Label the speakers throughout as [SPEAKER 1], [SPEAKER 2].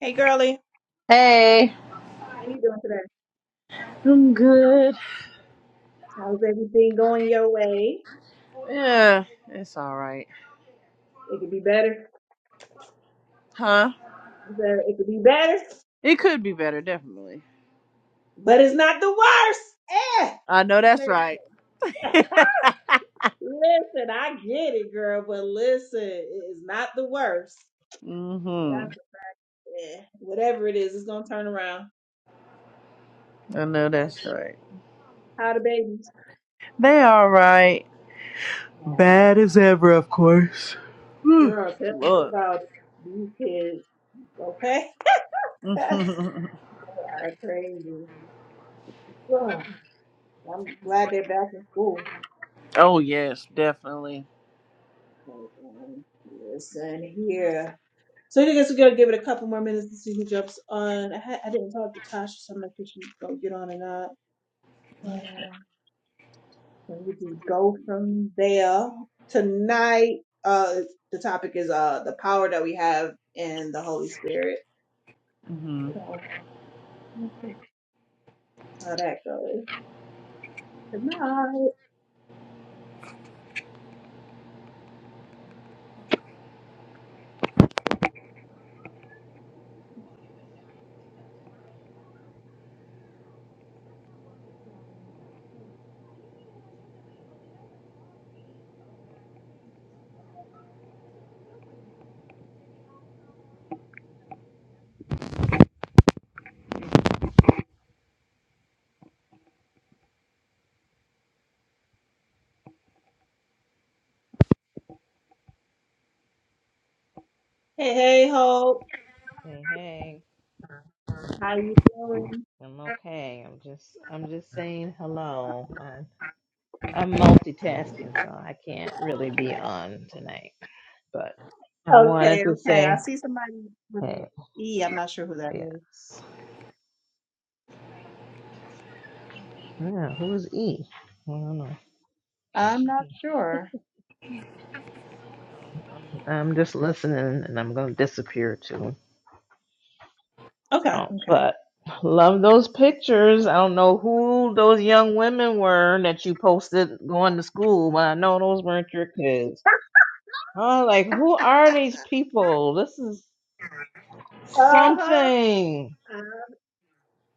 [SPEAKER 1] Hey, girly.
[SPEAKER 2] Hey,
[SPEAKER 1] How you doing today?
[SPEAKER 2] I'm good.
[SPEAKER 1] How's everything going your way?
[SPEAKER 2] Yeah, it's all right.
[SPEAKER 1] It could be better.
[SPEAKER 2] Huh?
[SPEAKER 1] Is It could be better,
[SPEAKER 2] It could be better, definitely.
[SPEAKER 1] but it's not the worst. Eh.
[SPEAKER 2] I know that's
[SPEAKER 1] Listen,
[SPEAKER 2] right. mm
[SPEAKER 1] listen, I get it, girl, but listen, it is not the worst.
[SPEAKER 2] hmm
[SPEAKER 1] That's eh, whatever it is, it's gonna turn around.
[SPEAKER 2] I know
[SPEAKER 1] That's
[SPEAKER 2] that's right.
[SPEAKER 1] how the babies.
[SPEAKER 2] They all right.
[SPEAKER 1] Oh,
[SPEAKER 2] Bad as ever, of course. Whew,
[SPEAKER 1] girl, tell me
[SPEAKER 2] Lord.
[SPEAKER 1] about these kids, okay? they are crazy. Ugh, I'm glad they're back in school.
[SPEAKER 2] oh yes, definitely.
[SPEAKER 1] Hold on. Yes, and here. So I guess we're gonna give it a couple more minutes to see who jumps on. I, had, I didn't talk to Tasha, so I'm not sure she's gonna get on or not. And then we can go from there. Tonight, uh, the topic is uh the power that we have in the Holy Spirit.
[SPEAKER 2] Mm-hmm.
[SPEAKER 1] So let's see how that goes tonight. Hey, hey, Hope.
[SPEAKER 3] Hey, hey,
[SPEAKER 1] How you doing?
[SPEAKER 3] I'm okay. I'm just, I'm just saying hello. I'm, I'm multitasking, so I can't really be on tonight. But I wanted
[SPEAKER 1] Okay,
[SPEAKER 3] to
[SPEAKER 1] okay. I
[SPEAKER 3] say,
[SPEAKER 1] see somebody with an
[SPEAKER 3] hey,
[SPEAKER 1] E. I'm not sure who that is.
[SPEAKER 3] yes. Yeah, who is E? I don't know.
[SPEAKER 1] I'm not sure.
[SPEAKER 3] So I'm, I'm just listening, and I'm gonna disappear too.
[SPEAKER 1] Okay.
[SPEAKER 3] So,
[SPEAKER 1] Okay.
[SPEAKER 3] but love those pictures. I don't know who those young women were that you posted going to school, but I know those weren't your kids. Oh, like who are these people? This is
[SPEAKER 1] Uh-huh.
[SPEAKER 3] something.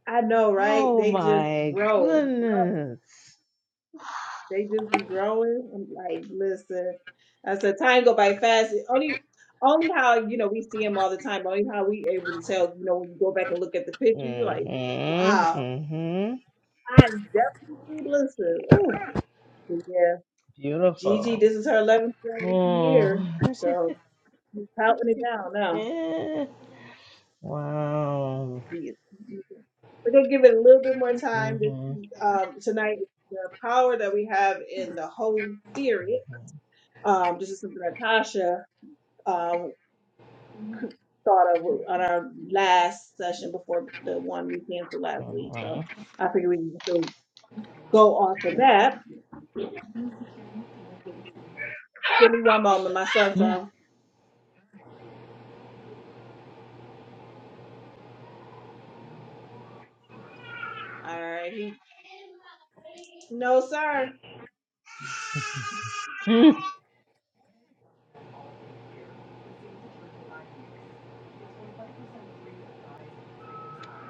[SPEAKER 1] I know, right?
[SPEAKER 3] Oh
[SPEAKER 1] They just
[SPEAKER 3] my
[SPEAKER 1] grow, grow.
[SPEAKER 3] goodness.
[SPEAKER 1] They just be growing. And like, listen, I said time go by fast. It Only, only how you know we see them all the time. Only how we able to tell. You know, when you go back and look at the picture, you're like,
[SPEAKER 3] Mhm.
[SPEAKER 1] wow,
[SPEAKER 3] Mhm.
[SPEAKER 1] I definitely listen. Oh, yeah, Gigi,
[SPEAKER 3] Beautiful.
[SPEAKER 1] this is her 11th grade
[SPEAKER 3] Oh.
[SPEAKER 1] year, so she's counting it down now.
[SPEAKER 3] Eh, wow.
[SPEAKER 1] Yes. We're gonna give it a little bit more time this
[SPEAKER 3] Mhm.
[SPEAKER 1] um, tonight. The power that we have in the Holy Spirit. Um, this is something that Tasha um, c- thought of on our last session before the one we canceled last week. So
[SPEAKER 3] Mhm.
[SPEAKER 1] I figure we can still go off of that. Give me one moment, my son's
[SPEAKER 3] Mhm.
[SPEAKER 1] on. All righty. No, sir.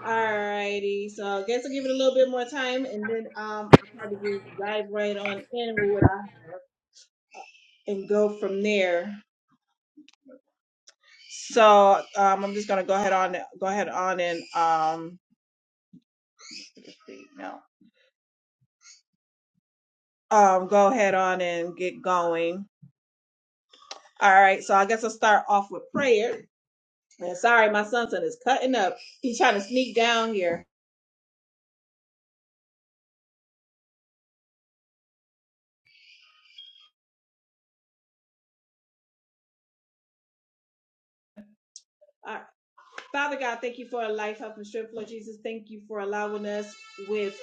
[SPEAKER 1] Alrighty, so I guess I'll give it a little bit more time and then um I'll probably just dive right on in with what I have. and go from there. So um, I'm just gonna go ahead on go ahead on and um no um go ahead on and get going. All right, so I guess I'll start off with prayer. And sorry, my son is cutting up. He's trying to sneak down here. Father God, thank you for a life, health, and strength, Lord Jesus. Thank you for allowing us with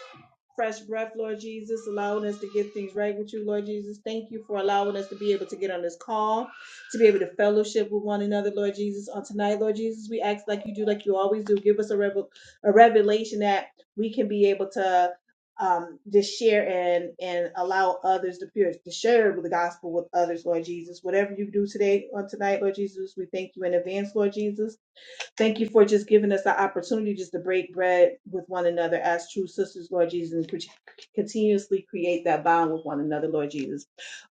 [SPEAKER 1] fresh breath, Lord Jesus, allowing us to get things right with you, Lord Jesus. Thank you for allowing us to be able to get on this call, to be able to fellowship with one another, Lord Jesus. On tonight, Lord Jesus, we ask like you do, like you always do. Give us a, revel- a revelation that we can be able to um just share and and allow others to, peer, to share the gospel with others lord jesus whatever you do today on tonight lord jesus we thank you in advance lord jesus Thank you for just giving us the opportunity just to break bread with one another as true sisters, Lord Jesus, and cont- continuously create that bond with one another, Lord Jesus.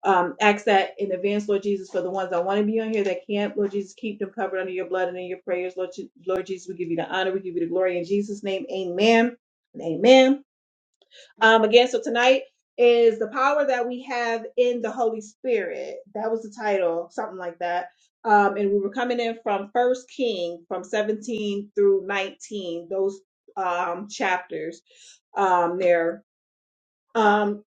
[SPEAKER 1] Um, ask that in advance, Lord Jesus, for the ones that want to be on here that can't, Lord Jesus, keep them covered under your blood and in your prayers, Lord, Je- Lord Jesus. We give you the honor, we give you the glory in Jesus' name. Amen. and Amen. Um, again, so tonight is the power that we have in the Holy Spirit. That was the title, something like that. Um, and we were coming in from First King, from 17 through 19, those um, chapters um, there. Um,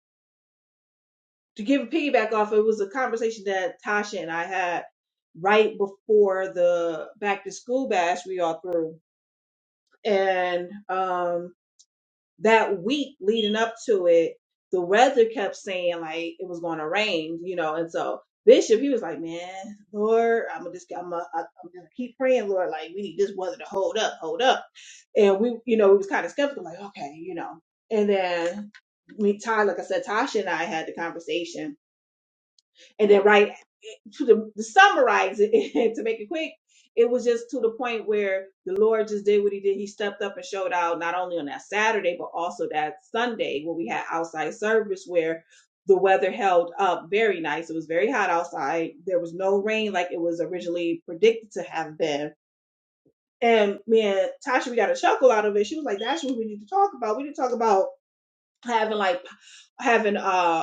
[SPEAKER 1] to give a piggyback off, it was a conversation that Tasha and I had right before the back to school bash we all threw, and um, that week leading up to it, the weather kept saying like it was going to rain, you know. And so Bishop, he was like, "Man, Lord, I'm gonna just, I'm gonna, I'm gonna keep praying, Lord. Like we need this weather to hold up, hold up." And we, you know, we was kind of skeptical, like, okay, you know. And then me, Ty, like I said, Tasha and I had the conversation and then right to, the, to summarize it to make it quick, it was just to the point where the Lord just did what he did. He stepped up and showed out not only on that Saturday, but also that Sunday where we had outside service where the weather held up very nice. It was very hot outside. There was no rain like it was originally predicted to have been. And me and Tasha, we got a chuckle out of it. She was like, that's what we need to talk about. We need to talk about having like having uh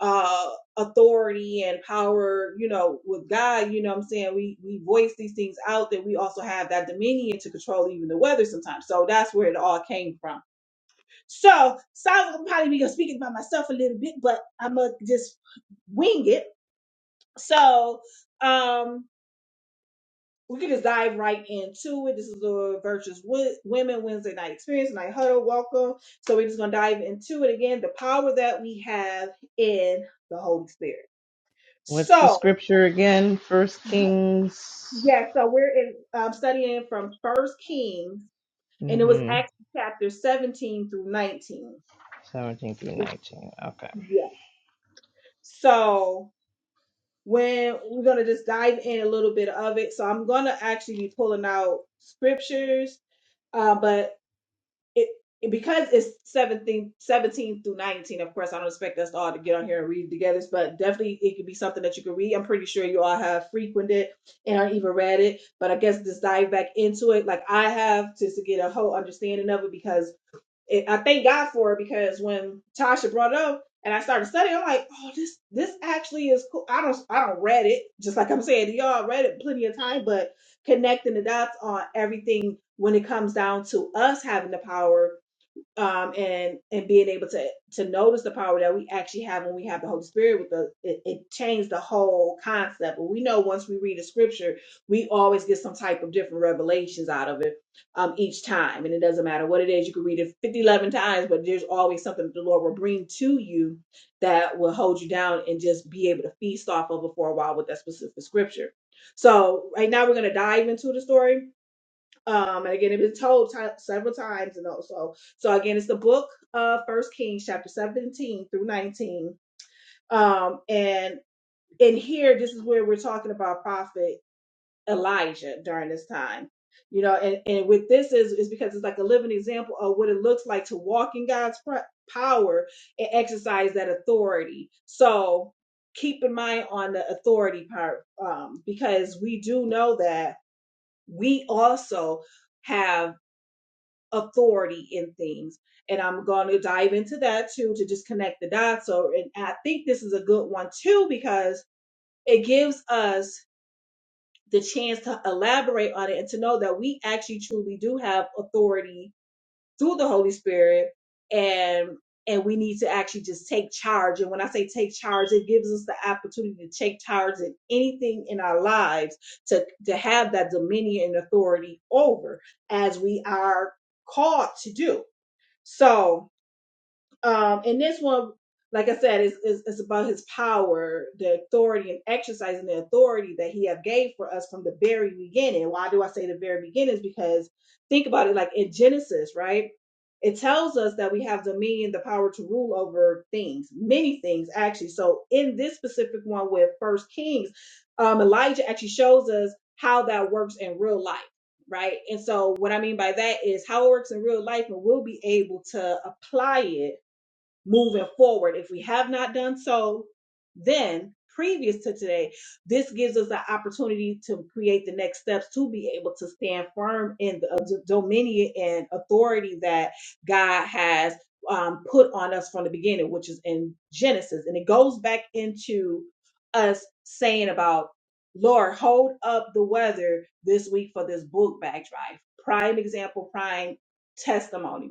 [SPEAKER 1] uh authority and power, you know, with God, you know what I'm saying? We we voice these things out that we also have that dominion to control even the weather sometimes. So that's where it all came from. So sounds like I'm probably be speaking by myself a little bit, but I'ma just wing it. So um we can just dive right into it. This is the Virtuous Wo- Women Wednesday Night Experience, Night Huddle. Welcome. So we're just gonna dive into it again. The power that we have in the Holy Spirit.
[SPEAKER 3] What's the
[SPEAKER 1] So
[SPEAKER 3] scripture again? First Kings.
[SPEAKER 1] Yeah, so we're in um, studying from First Kings, and it was
[SPEAKER 3] Mhm.
[SPEAKER 1] actually chapter 17 through 19.
[SPEAKER 3] Seventeen through nineteen. Okay.
[SPEAKER 1] Yeah. So when we're gonna just dive in a little bit of it. So I'm gonna actually be pulling out scriptures, uh, but it it- because it's 17, 17 through 19 of course i don't expect us all to get on here and read together but definitely it could be something that you could read i'm pretty sure you all have frequented and or even read it but i guess just dive back into it like i have just to get a whole understanding of it because it, I thank God for it because when Tasha brought it up and I started studying, I'm like, oh, this this actually is cool. I don't I don't read it just like I'm saying y'all read it plenty of time, but connecting the dots on everything when it comes down to us having the power um, and and being able to to notice the power that we actually have when we have the Holy Spirit with us, it, it changed the whole concept. But we know once we read a scripture, we always get some type of different revelations out of it um, each time, and it doesn't matter what it is. You can read it 50, 11 times, but there's always something that the Lord will bring to you that will hold you down and just be able to feast off of it for a while with that specific scripture. So right now we're going to dive into the story um, and again, it was told ti several times, and also, so again, it's the book of First Kings, chapter seventeen through nineteen. Um, and in here, this is where we're talking about prophet Elijah during this time. You know, and, and with this is is because it's like a living example of what it looks like to walk in God's pr- power and exercise that authority. So keep in mind on the authority part, um, because we do know that we also have authority in things. And I'm going to dive into that too to just connect the dots. So, and I think this is a good one too because it gives us the chance to elaborate on it and to know that we actually truly do have authority through the Holy Spirit and and we need to actually just take charge. And when I say take charge, it gives us the opportunity to take charge in anything in our lives to, to have that dominion and authority over as we are called to do. So um, and this one, like I said, is, is, is about his power, the authority, and exercising the authority that he have gave for us from the very beginning. Why do I say the very beginning? Is because think about it, like in Genesis, right? It tells us that we have dominion, the power to rule over things, many things actually. So in this specific one with First Kings, um, Elijah actually shows us how that works in real life right? And so what I mean by that is how it works in real life, and we'll be able to apply it moving forward. If we have not done so, then previous to today, this gives us the opportunity to create the next steps to be able to stand firm in the uh, d- dominion and authority that God has um, put on us from the beginning, which is in Genesis. And it goes back into us saying about, Lord, hold up the weather this week for this book bag drive. Prime example, prime testimony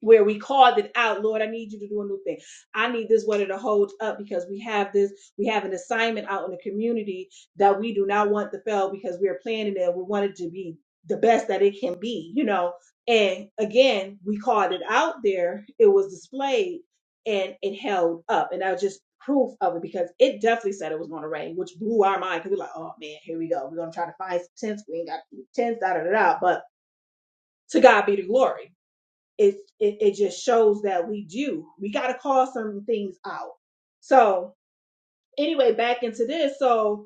[SPEAKER 1] where we called it out, Lord, I need you to do a new thing. I need this weather to hold up because we have this, we have an assignment out in the community that we do not want to fail because we are planning it. We want it to be the best that it can be, you know. And again, we called it out there. It was displayed and it held up. And that was just proof of it because it definitely said it was going to rain, which blew our mind because we're like, oh man, here we go. We're going to try to find some tents. We ain't got tents, da da da da. But to God be the glory it, it it just shows that we do. We got to call some things out. So anyway, back into this. So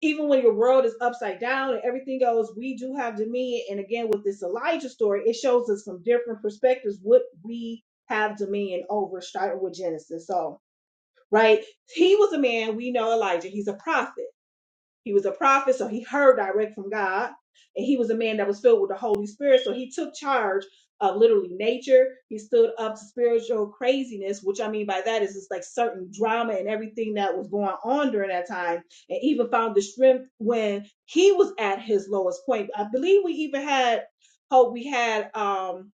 [SPEAKER 1] even when your world is upside down and everything else, we do have dominion. And again, with this Elijah story, it shows us from different perspectives what we have dominion over, starting with Genesis. So right, he was a man. We know Elijah. He's a prophet. He was a prophet, so he heard direct from God. And he was a man that was filled with the Holy Spirit, so he took charge of literally nature. He stood up to spiritual craziness, which I mean by that is it's like certain drama and everything that was going on during that time, and even found the strength when he was at his lowest point. I believe we even had hope. We had um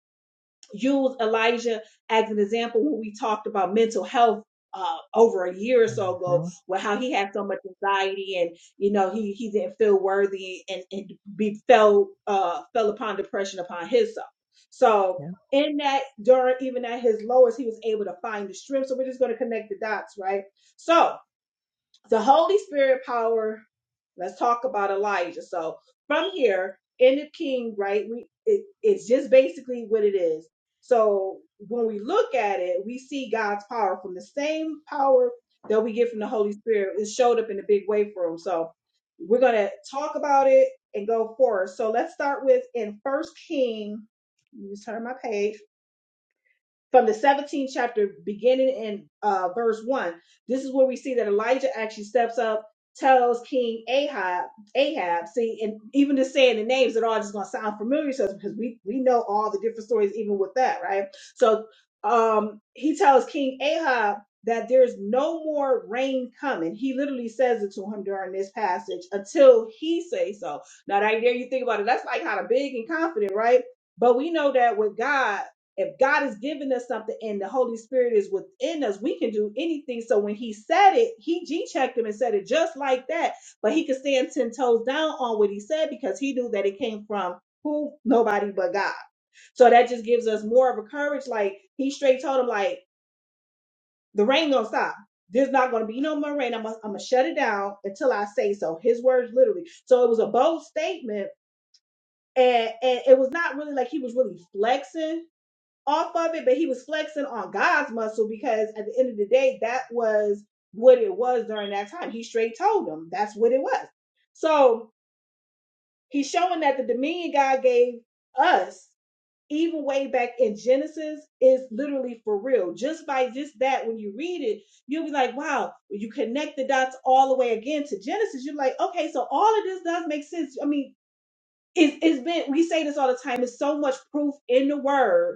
[SPEAKER 1] use Elijah as an example when we talked about mental health uh, over a year or so ago,
[SPEAKER 3] Mhm.
[SPEAKER 1] with how he had so much anxiety and you know he he didn't feel worthy and and be fell uh, fell upon depression upon himself. So in that during even at his lowest, he was able to find the strength. So we're just going to connect the dots, right? So the Holy Spirit power. Let's talk about Elijah. So from here in the King, right? We it, it's just basically what it is. So when we look at it, we see God's power from the same power that we get from the Holy Spirit. It showed up in a big way for him. So we're gonna talk about it and go forward. So let's start with in First King. Let me turn my page from the 17th chapter, beginning in uh, verse 1, this is where we see that Elijah actually steps up, tells King Ahab, Ahab, see, and even just saying the names, it all just going to sound familiar to us because we, we know all the different stories, even with that, right? So um, he tells King Ahab that there's no more rain coming. He literally says it to him during this passage until he says so. Now, that there you think about it, that's like kind of big and confident, right? But we know that with God, if God is giving us something and the Holy Spirit is within us, we can do anything. So when he said it, he G checked him and said it just like that. But he could stand 10 toes down on what he said because he knew that it came from who? Nobody but God. So that just gives us more of a courage. Like he straight told him, like, the rain gonna stop. There's not gonna be no more rain. I'm gonna, I'm gonna shut it down until I say so. His words literally. So it was a bold statement. And and it was not really like he was really flexing off of it, but he was flexing on God's muscle because at the end of the day, that was what it was during that time. He straight told him that's what it was. So he's showing that the dominion God gave us, even way back in Genesis, is literally for real. Just by just that, when you read it, you'll be like, wow, you connect the dots all the way again to Genesis. You're like, okay, so all of this does make sense. I mean, it's, it's been, we say this all the time, it's so much proof in the word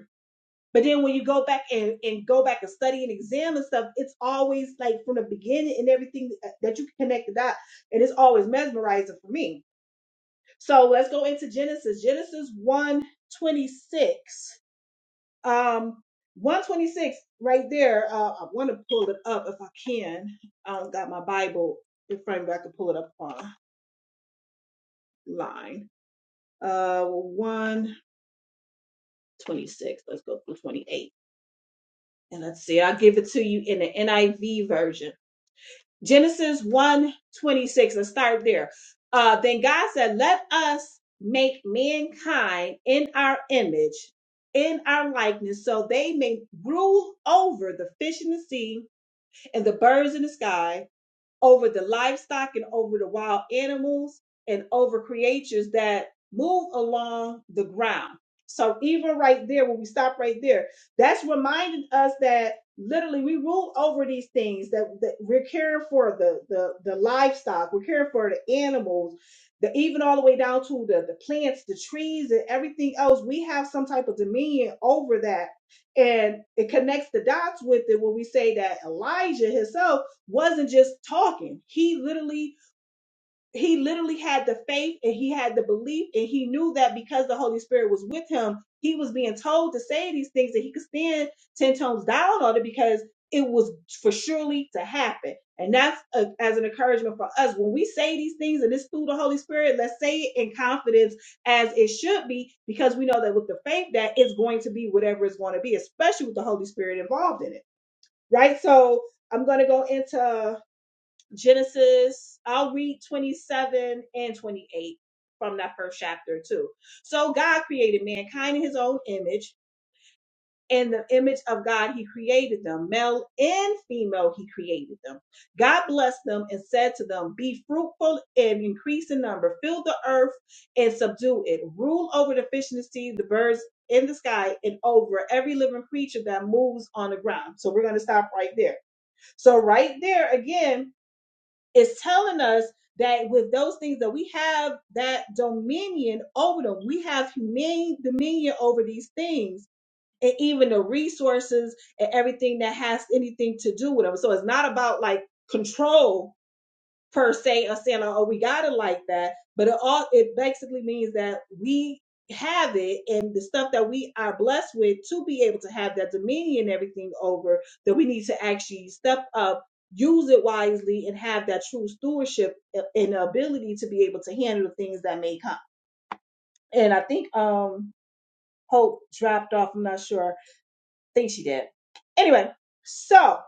[SPEAKER 1] but then when you go back and, and go back and study and examine and stuff, it's always like from the beginning and everything that you can connect the dot. And it's always mesmerizing for me. So let's go into Genesis. Genesis 126. Um 126 right there. Uh, I want to pull it up if I can. I don't got my Bible in front of me. I can pull it up online. Uh 126. Let's go through 28. And let's see. I'll give it to you in the NIV version. Genesis one twenty six 26, let's start there. Uh, then God said, Let us make mankind in our image, in our likeness, so they may rule over the fish in the sea and the birds in the sky over the livestock and over the wild animals and over creatures that move along the ground. So even right there, when we stop right there, that's reminding us that literally we rule over these things that, that we're caring for the, the the livestock, we're caring for the animals, the even all the way down to the, the plants, the trees, and everything else. We have some type of dominion over that. And it connects the dots with it when we say that Elijah himself wasn't just talking. He literally he literally had the faith and he had the belief and he knew that because the Holy Spirit was with him, he was being told to say these things that he could stand 10 tones down on it because it was for surely to happen. And that's a, as an encouragement for us. When we say these things and it's through the Holy Spirit, let's say it in confidence as it should be, because we know that with the faith that it's going to be whatever it's going to be, especially with the Holy Spirit involved in it. Right. So I'm going to go into Genesis, I'll read 27 and 28 from that first chapter too. So God created mankind in his own image. In the image of God, he created them. Male and female, he created them. God blessed them and said to them, Be fruitful and increase in number. Fill the earth and subdue it. Rule over the fish in the sea, the birds in the sky, and over every living creature that moves on the ground. So we're going to stop right there. So, right there again, it's telling us that with those things that we have that dominion over them, we have humane dominion over these things and even the resources and everything that has anything to do with them. So it's not about like control per se or saying, "Oh, we got it like that," but it all it basically means that we have it and the stuff that we are blessed with to be able to have that dominion and everything over that we need to actually step up use it wisely and have that true stewardship uh, and ability to be able to handle the things that may come and i think um hope dropped off i'm not sure i think she did anyway so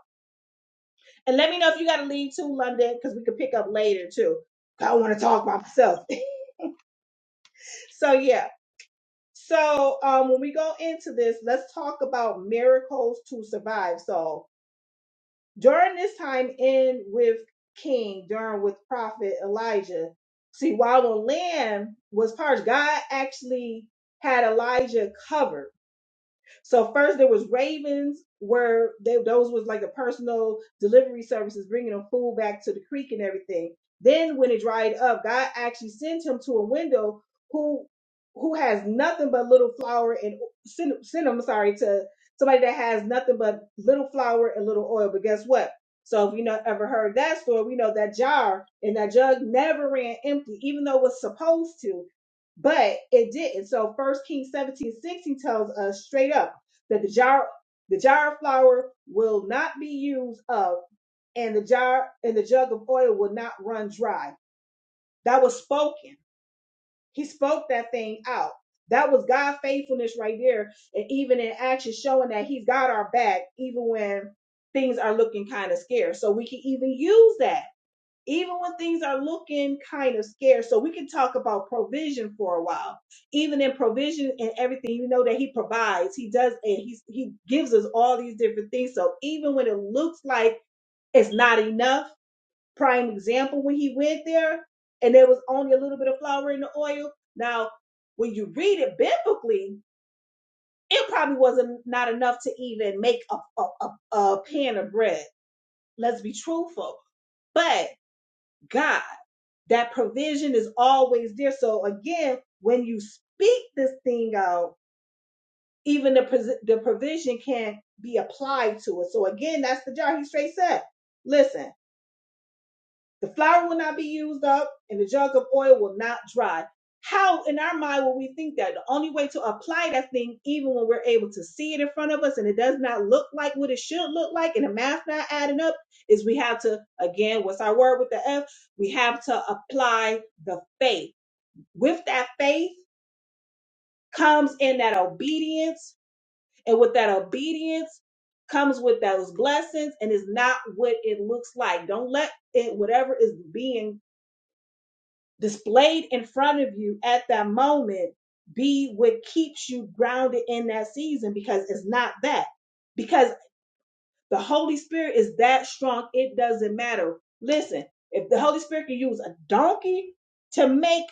[SPEAKER 1] and let me know if you got to leave to london because we could pick up later too I don't want to talk by myself. So yeah. So um, when we go into this, let's talk about miracles to survive. So during this time in with King, during with Prophet Elijah, see while the land was parched, God actually had Elijah covered so first there was Ravens, where they those was like the personal delivery services bringing them food back to the creek and everything. Then when it dried up, God actually sent him to a window who who has nothing but little flour and send send him sorry to somebody that has nothing but little flour and little oil. But guess what? So if you know ever heard that story, we know that jar and that jug never ran empty, even though it was supposed to, but it didn't. So first Kings 17 16 tells us straight up that the jar the jar of flour will not be used up and the jar and the jug of oil will not run dry. That was spoken. He spoke that thing out. That was God faithfulness right there. And even in action, showing that He's got our back, even when things are looking kind of scarce. So we can even use that even when things are looking kind of scarce. So we can talk about provision for a while. Even in provision and everything, you know that he provides, he does, and he he gives us all these different things. So even when it looks like it's not enough, prime example when he went there and there was only a little bit of flour in the oil. Now, when you read it biblically, it probably wasn't not enough to even make a a, a, a pan of bread. Let's be truthful, but God. That provision is always there. So again, when you speak this thing out, even the pos- the provision can be applied to it. So again, that's the jar. He straight said, "Listen, the flour will not be used up, and the jug of oil will not dry." How in our mind will we think that? The only way to apply that thing, even when we're able to see it in front of us and it does not look like what it should look like, and the math not adding up, is we have to again, what's our word with the F? We have to apply the faith with that faith comes in that obedience, and with that obedience comes with those blessings, and is not what it looks like. Don't let it, whatever is being displayed in front of you at that moment, be what keeps you grounded in that season because it's not that. Because. The Holy Spirit is that strong, it doesn't matter. Listen, if the Holy Spirit can use a donkey to make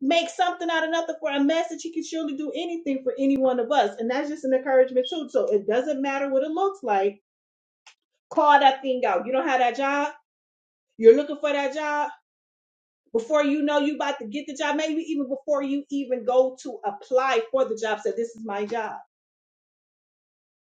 [SPEAKER 1] make something out of nothing for a message, he can surely do anything for any one of us. And that's just an encouragement too. So it doesn't matter what it looks like. Call that thing out. You don't have that job, you're looking for that job. Before you know you about to get the job, maybe even before you even go to apply for the job, say, This is my job.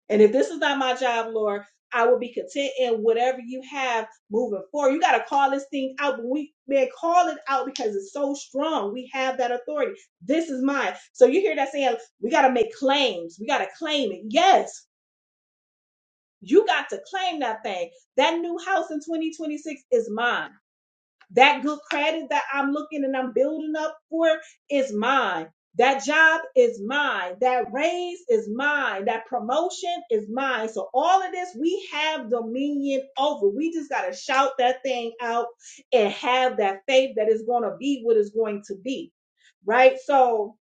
[SPEAKER 1] And if this is not my job, Lord, I will be content in whatever you have moving forward. You got to call this thing out. But we, man, call it out because it's so strong. We have that authority. This is mine. So you hear that saying, we got to make claims. We got to claim it. Yes, you got to claim that thing. That new house in 2026 is mine. That good credit that I'm looking and I'm building up for is mine. That job is mine. That raise is mine. That promotion is mine. So all of this we have dominion over. We just got to shout that thing out and have that faith that it's going to be what it's going to be. Right. So,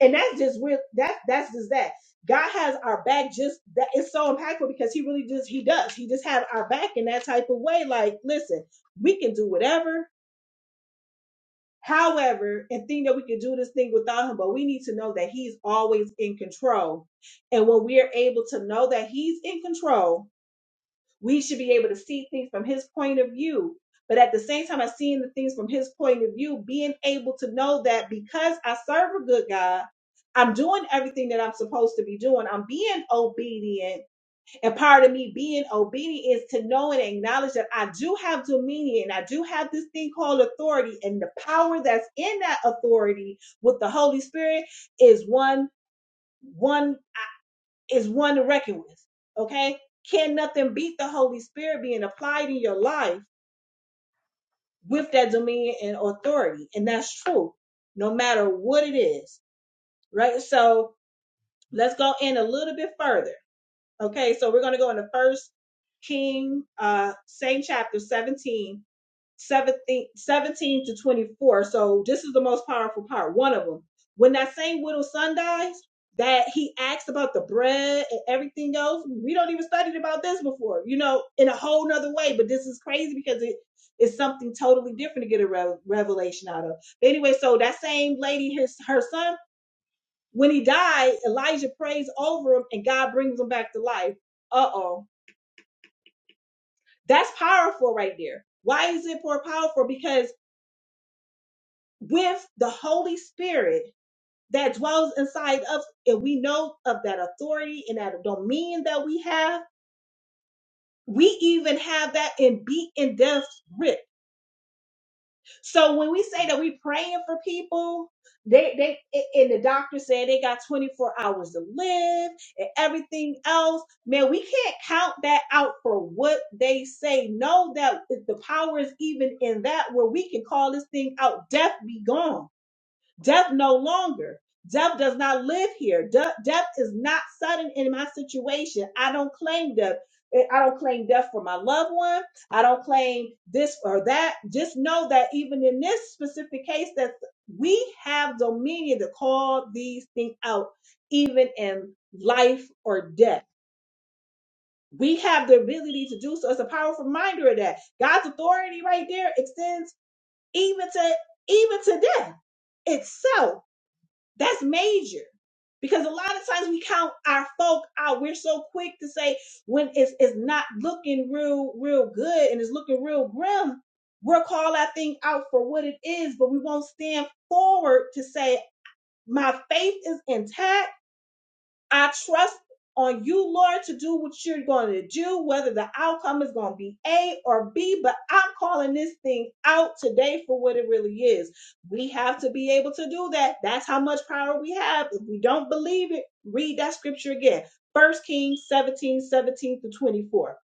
[SPEAKER 1] and that's just real. That, that's just that. God has our back just that it's so impactful because he really just he does. He just has our back in that type of way. Like, listen, we can do whatever However, and think that we can do this thing without him, but we need to know that he's always in control. And when we are able to know that he's in control, we should be able to see things from his point of view. But at the same time, I seeing the things from his point of view, being able to know that because I serve a good God, I'm doing everything that I'm supposed to be doing. I'm being obedient and part of me being obedient is to know and acknowledge that I do have dominion. I do have this thing called authority. And the power that's in that authority with the Holy Spirit is one, one, is one to reckon with. Okay? Can nothing beat the Holy Spirit being applied in your life with that dominion and authority? And that's true, no matter what it is. Right? So let's go in a little bit further. Okay, so we're going to go into First King, uh, same chapter 17, 17, 17 to 24. So this is the most powerful part, one of them. When that same widow son dies, that he asked about the bread and everything else. We don't even studied about this before, you know, in a whole nother way. But this is crazy because it is something totally different to get a rev revelation out of. Anyway, so that same lady, his her son. When he died, Elijah prays over him and God brings him back to life. Uh oh. That's powerful right there. Why is it more powerful? Because with the Holy Spirit that dwells inside us, and we know of that authority and that dominion that we have, we even have that in beat and death grip So when we say that we praying for people, they they a- and the doctor said they got 24 hours to live and everything else. Man, we can't count that out for what they say. Know that if the power is even in that where we can call this thing out. Death be gone Death no longer. Death does not live here. De- death is not sudden in my situation. I don't claim death. Eh, I don't claim death for my loved one. I don't claim this or that. Just know that even in this specific case, that we have dominion to call these things out, even in life or death. We have the ability to do so. It's a powerful reminder of that. God's authority right there extends even to even to death itself that's major. Because a lot of times we count our folk out. We're so quick to say when it's, it's not looking real, real good and it's looking real grim, we'll call that thing out for what it is, but we won't stand forward to say, my faith is intact. I trust on you, Lord, to do what you're going to do, whether the outcome is going to be A or B, but I'm calling this thing out today for what it really is. We have to be able to do that. That's how much power we have. If we don't believe it, read that scripture again. First Kings 17, 17 to 24.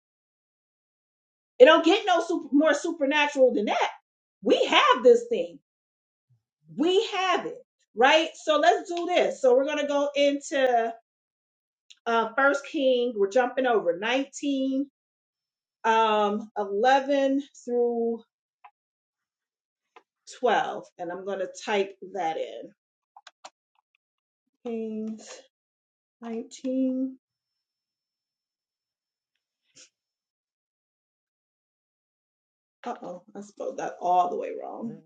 [SPEAKER 1] It don't get no super, more supernatural than that. We have this thing. We have it, right? So let's do this. So we're going to go into uh, First King, we're jumping over 19, um, 11 through 12, and I'm going to type that in. Kings 19. Uh oh, I spelled that all the way wrong.
[SPEAKER 3] Then,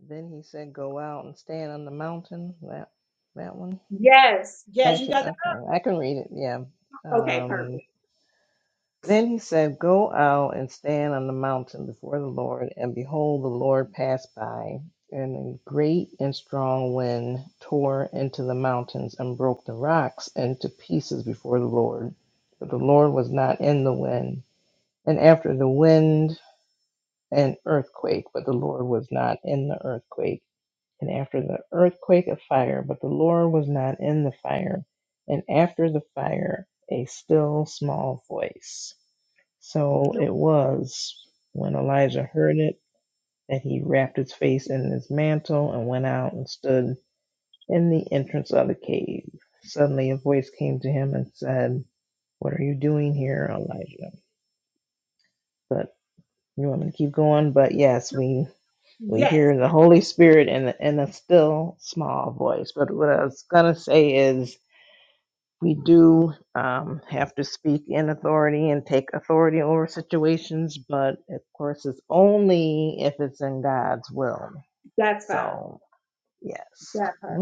[SPEAKER 3] then he said, "Go out and stand on the mountain." That that one.
[SPEAKER 1] Yes, yes, you
[SPEAKER 3] Nineteen.
[SPEAKER 1] got
[SPEAKER 3] Okay, I can read it. Yeah.
[SPEAKER 1] that. Okay,
[SPEAKER 3] Um,
[SPEAKER 1] perfect.
[SPEAKER 3] then he said, "Go out and stand on the mountain before the Lord, and behold, the Lord passed by, and a great and strong wind tore into the mountains and broke the rocks into pieces before the Lord, but the Lord was not in the wind. And after the wind, an earthquake, but the Lord was not in the earthquake." and after the earthquake a fire, but the Lord was not in the fire, and after the fire a still small voice. So
[SPEAKER 1] Nope.
[SPEAKER 3] it was when Elijah heard it that he wrapped his face in his mantle and went out and stood in the entrance of the cave. Suddenly a voice came to him and said, What are you doing here, Elijah? But you want me to keep going? But yes, we we
[SPEAKER 1] Yes,
[SPEAKER 3] hear the Holy Spirit in the, in a still small voice. But what I was gonna say is, we do um, have to speak in authority and take authority over situations, but of course, it's only if it's in God's will.
[SPEAKER 1] that's her.
[SPEAKER 3] So yes,
[SPEAKER 1] That her,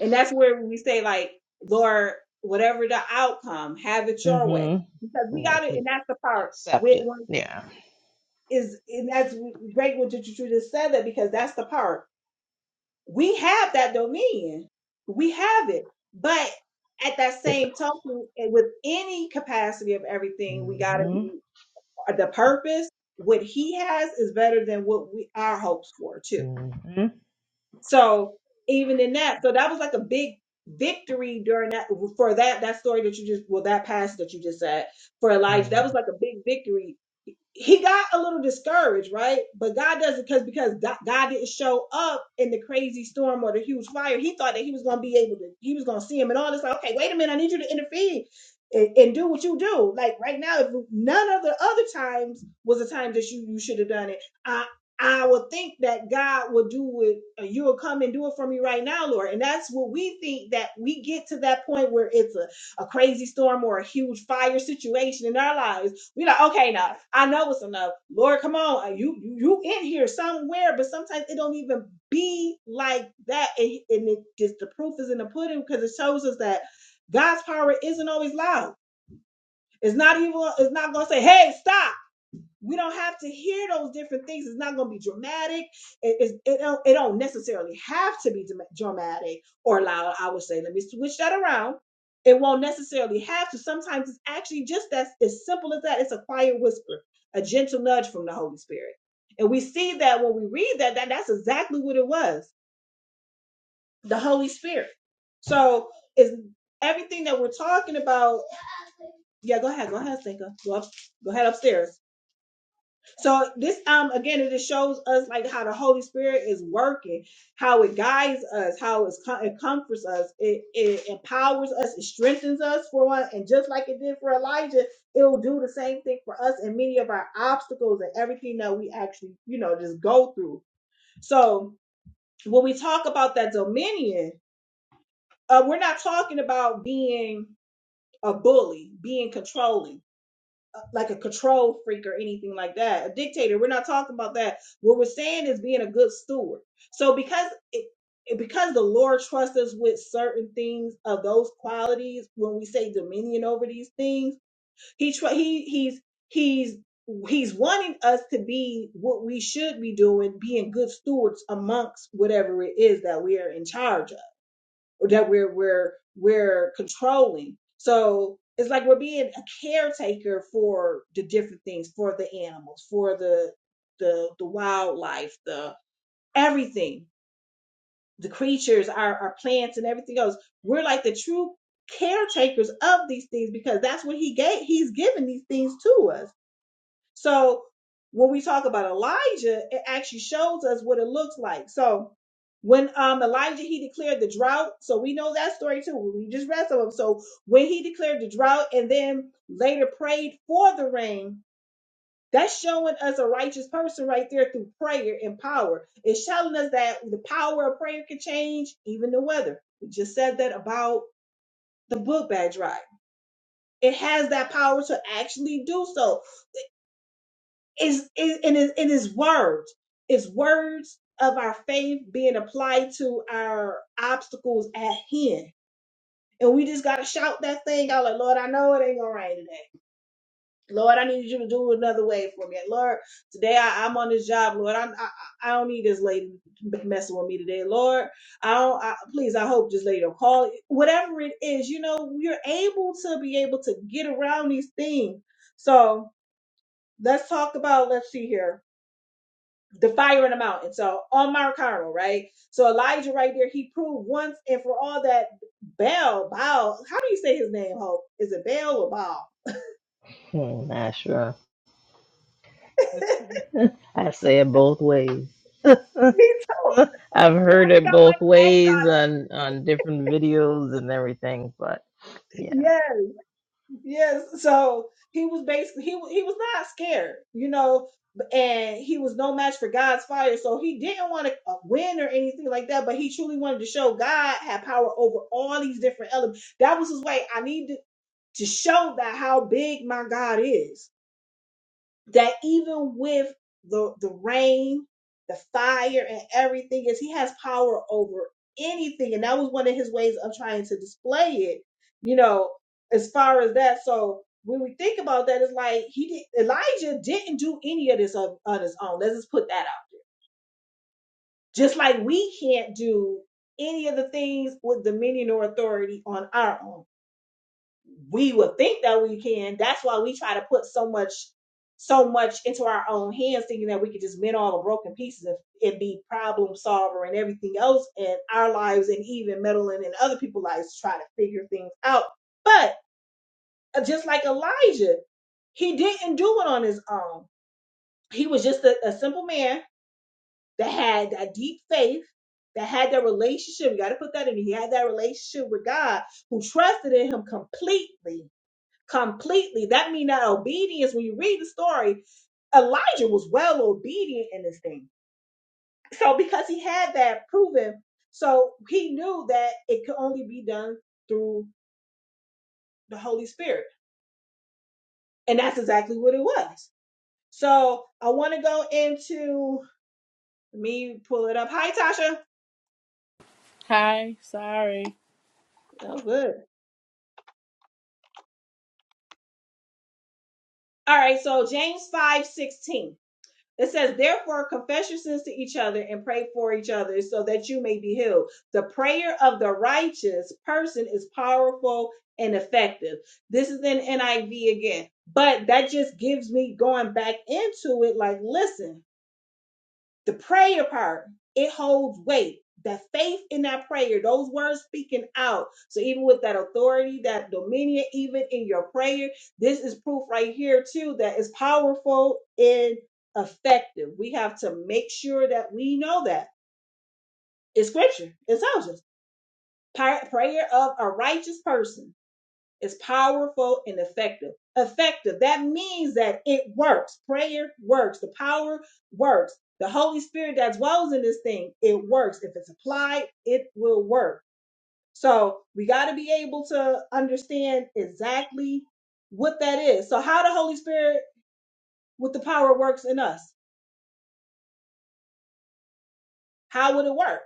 [SPEAKER 1] and that's where we say like, Lord, whatever the outcome, have it your way,
[SPEAKER 3] mm-hmm.
[SPEAKER 1] because we
[SPEAKER 3] we
[SPEAKER 1] got it, and that's the part
[SPEAKER 3] accept
[SPEAKER 1] with
[SPEAKER 3] it.
[SPEAKER 1] one
[SPEAKER 3] Yeah.
[SPEAKER 1] is, and that's great what you just said that because that's the part. we have that dominion. We have it. But at that
[SPEAKER 3] yeah.
[SPEAKER 1] same token, and with any capacity of everything, we got to
[SPEAKER 3] Mm-hmm.
[SPEAKER 1] be uh, the purpose. What he has is better than what we our hopes for too.
[SPEAKER 3] Mm-hmm.
[SPEAKER 1] So even in that, so that was like a big victory during that for that that story that you just well that passage that you just said for Elijah. That was
[SPEAKER 3] Mm-hmm.
[SPEAKER 1] like a big victory he got a little discouraged, right? But God doesn't because because God, God didn't show up in the crazy storm or the huge fire. He thought that he was gonna be able to, he was gonna see him and all this. Like, okay, wait a minute, I need you to intervene and, and do what you do. Like right now, if none of the other times was a time that you you should have done it, I I would think that God will do it. uh, You will come and do it for me right now, Lord. And that's what we think that we get to that point where it's a a crazy storm or a huge fire situation in our lives, we like, okay, now I know it's enough. Lord, come on, uh, you you you in here somewhere. But sometimes it don't even be like that, and, and it just the proof is in the pudding because it shows us that God's power isn't always loud. It's not even. It's not gonna say, "Hey, stop." We don't have to hear those different things. It's not going to be dramatic. It, it's- it, don't, it don't necessarily have to be dramatic or loud, I would say. Let me switch that around. It won't necessarily have to. Sometimes it's actually just as, as simple as that. It's a quiet whisper, a gentle nudge from the Holy Spirit. And we see that when we read that, that that's exactly what it was the Holy Spirit. So is everything that we're talking about. Yeah, go ahead. Go ahead, Stinker. Go, up, go ahead upstairs. So this um again it just shows us like how the Holy Spirit is working, how it guides us, how it's com- it comforts us, it, it empowers us, it strengthens us for one, and just like it did for Elijah, it will do the same thing for us and many of our obstacles and everything that we actually you know just go through. So when we talk about that dominion, uh, we're not talking about being a bully, being controlling like a control freak or anything like that. A dictator. We're not talking about that. What we're saying is being a good steward. So because it, it- because the Lord trusts us with certain things of those qualities, when we say dominion over these things, he tr- he he's he's he's wanting us to be what we should be doing, being good stewards amongst whatever it is that we are in charge of that we're we're we're controlling. So it's like we're being a caretaker for the different things, for the animals, for the the the wildlife, the everything, the creatures, our our plants and everything else. We're like the true caretakers of these things because that's what he gave he's given these things to us so when we talk about Elijah, it actually shows us what it looks like. So when um Elijah he declared the drought, so we know that story too. We just read some of them. So when he declared the drought and then later prayed for the rain, that's showing us a righteous person right there through prayer and power. It's showing us that the power of prayer can change even the weather. We just said that about the book bag drive. It has that power to actually do so. is is- in his in his words is words of our faith being applied to our obstacles at hand and we just gotta shout that thing out like lord i know it ain't gonna rain today lord i need you to do it another way for me lord today I, i'm on this job lord I, I i don't need this lady messing with me today lord i don't I, please i hope this lady will call whatever it is you know you are able to be able to get around these things so let's talk about let's see here the fire in the mountain. So on Mount Carmel, right? So Elijah right there, he proved once and for all that Baal, Baal, how do you say his name, Hope? Is it Baal or Baal?
[SPEAKER 3] Not sure. I say it both ways.
[SPEAKER 1] Me too.
[SPEAKER 3] I've
[SPEAKER 1] I
[SPEAKER 3] heard
[SPEAKER 1] think
[SPEAKER 3] it
[SPEAKER 1] I
[SPEAKER 3] both ways
[SPEAKER 1] was
[SPEAKER 3] on on different videos and everything, but yeah.
[SPEAKER 1] Yes, yes. So he was basically he wa- he was not scared, you know, and he was no match for God's fire. So he didn't want to win or anything like that, but he truly wanted to show God had power over all these different elements. That was his way. I need to, to show that how big my God is that even with the the rain, the fire, and everything, is he has power over anything, and that was one of his ways of trying to display it. You know, as far as that, so when we think about that, it's like he did, Elijah didn't do any of this on, on his own. Let's just put that out there. Just like we can't do any of the things with dominion or authority on our own we would think that we can. That's why we try to put so much, so much into our own hands, thinking that we could just mend all the broken pieces and, and be problem solver and everything else in our lives, and even meddling in other people's lives to try to figure things out. But uh, just like Elijah, he didn't do it on his own. He was just a, a simple man that had that deep faith, that had that relationship. You got to put that in. He had that relationship with God, who trusted in Him completely completely. That means that obedience, when you read the story, Elijah was well obedient in this thing. So because he had that proven, so he knew that it could only be done through the Holy Spirit. And that's exactly what it was. So I want to go into let me pull it up. Hi Tasha.
[SPEAKER 4] Hi, sorry.
[SPEAKER 1] Oh good. All right, so James 5 16. It says, therefore, confess your sins to each other and pray for each other so that you may be healed. The prayer of the righteous person is powerful and effective. This is in NIV again, but that just gives me going back into it like, listen, the prayer part, it holds weight. That faith in that prayer, those words speaking out. So even with that authority, that dominion, even in your prayer, this is proof right here too that is powerful and effective. We have to make sure that we know that. It's scripture. It tells us. Pri- Prayer of a righteous person is powerful and effective. Effective, that means that it works. Prayer works. The power works. The Holy Spirit that dwells in this thing, it works. If it's applied, it will work. So we got to be able to understand exactly what that is. So, how the Holy Spirit with the power works in us? How would it work?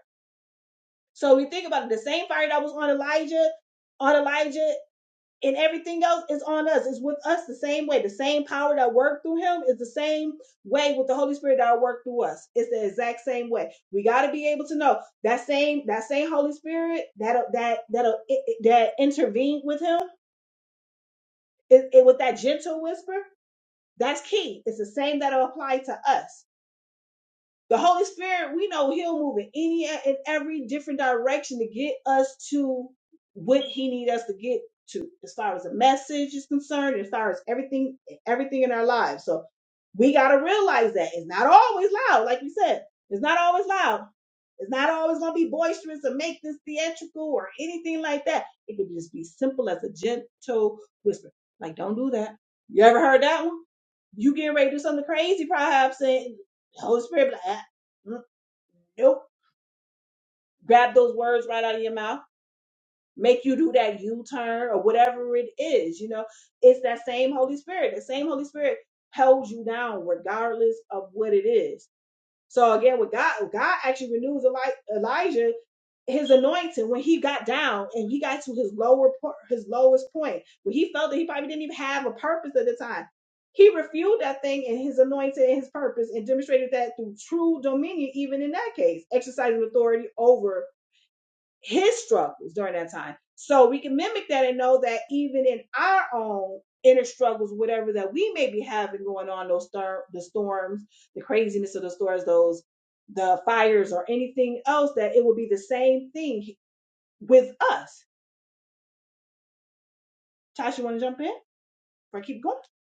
[SPEAKER 1] So, we think about it the same fire that was on Elijah, on Elijah and everything else is on us. It's with us the same way. The same power that worked through him is the same way with the Holy Spirit that worked through us. It's the exact same way. We got to be able to know that same that same Holy Spirit that that that that intervened with him it, it- with that gentle whisper. That's key. It's the same that'll apply to us. The Holy Spirit, we know He'll move in any and every different direction to get us to what He needs us to get to, as far as the message is concerned, as far as everything, everything in our lives. So we gotta realize that it's not always loud, like you said. It's not always loud. It's not always gonna be boisterous or make this theatrical or anything like that. It could just be simple as a gentle whisper. Like, don't do that. You ever heard that one? You getting ready to do something crazy, perhaps, and the Holy Spirit. be like, Mm, Nope. Grab those words right out of your mouth. Make you do that U turn or whatever it is. You know, it's that same Holy Spirit. The same Holy Spirit holds you down regardless of what it is. So again, with God, God actually renews Eli- Elijah his anointing when he got down and he got to his lower po- his lowest point where he felt that he probably didn't even have a purpose at the time. He refused that thing and his anointing and his purpose and demonstrated that through true dominion, even in that case, exercising authority over his struggles during that time. So we can mimic that and know that even in our own inner struggles, whatever that we may be having going on, those storm, the storms, the craziness of the storms, those the fires or anything else, that it will be the same thing with us. Tasha, you want to jump in? Or keep going?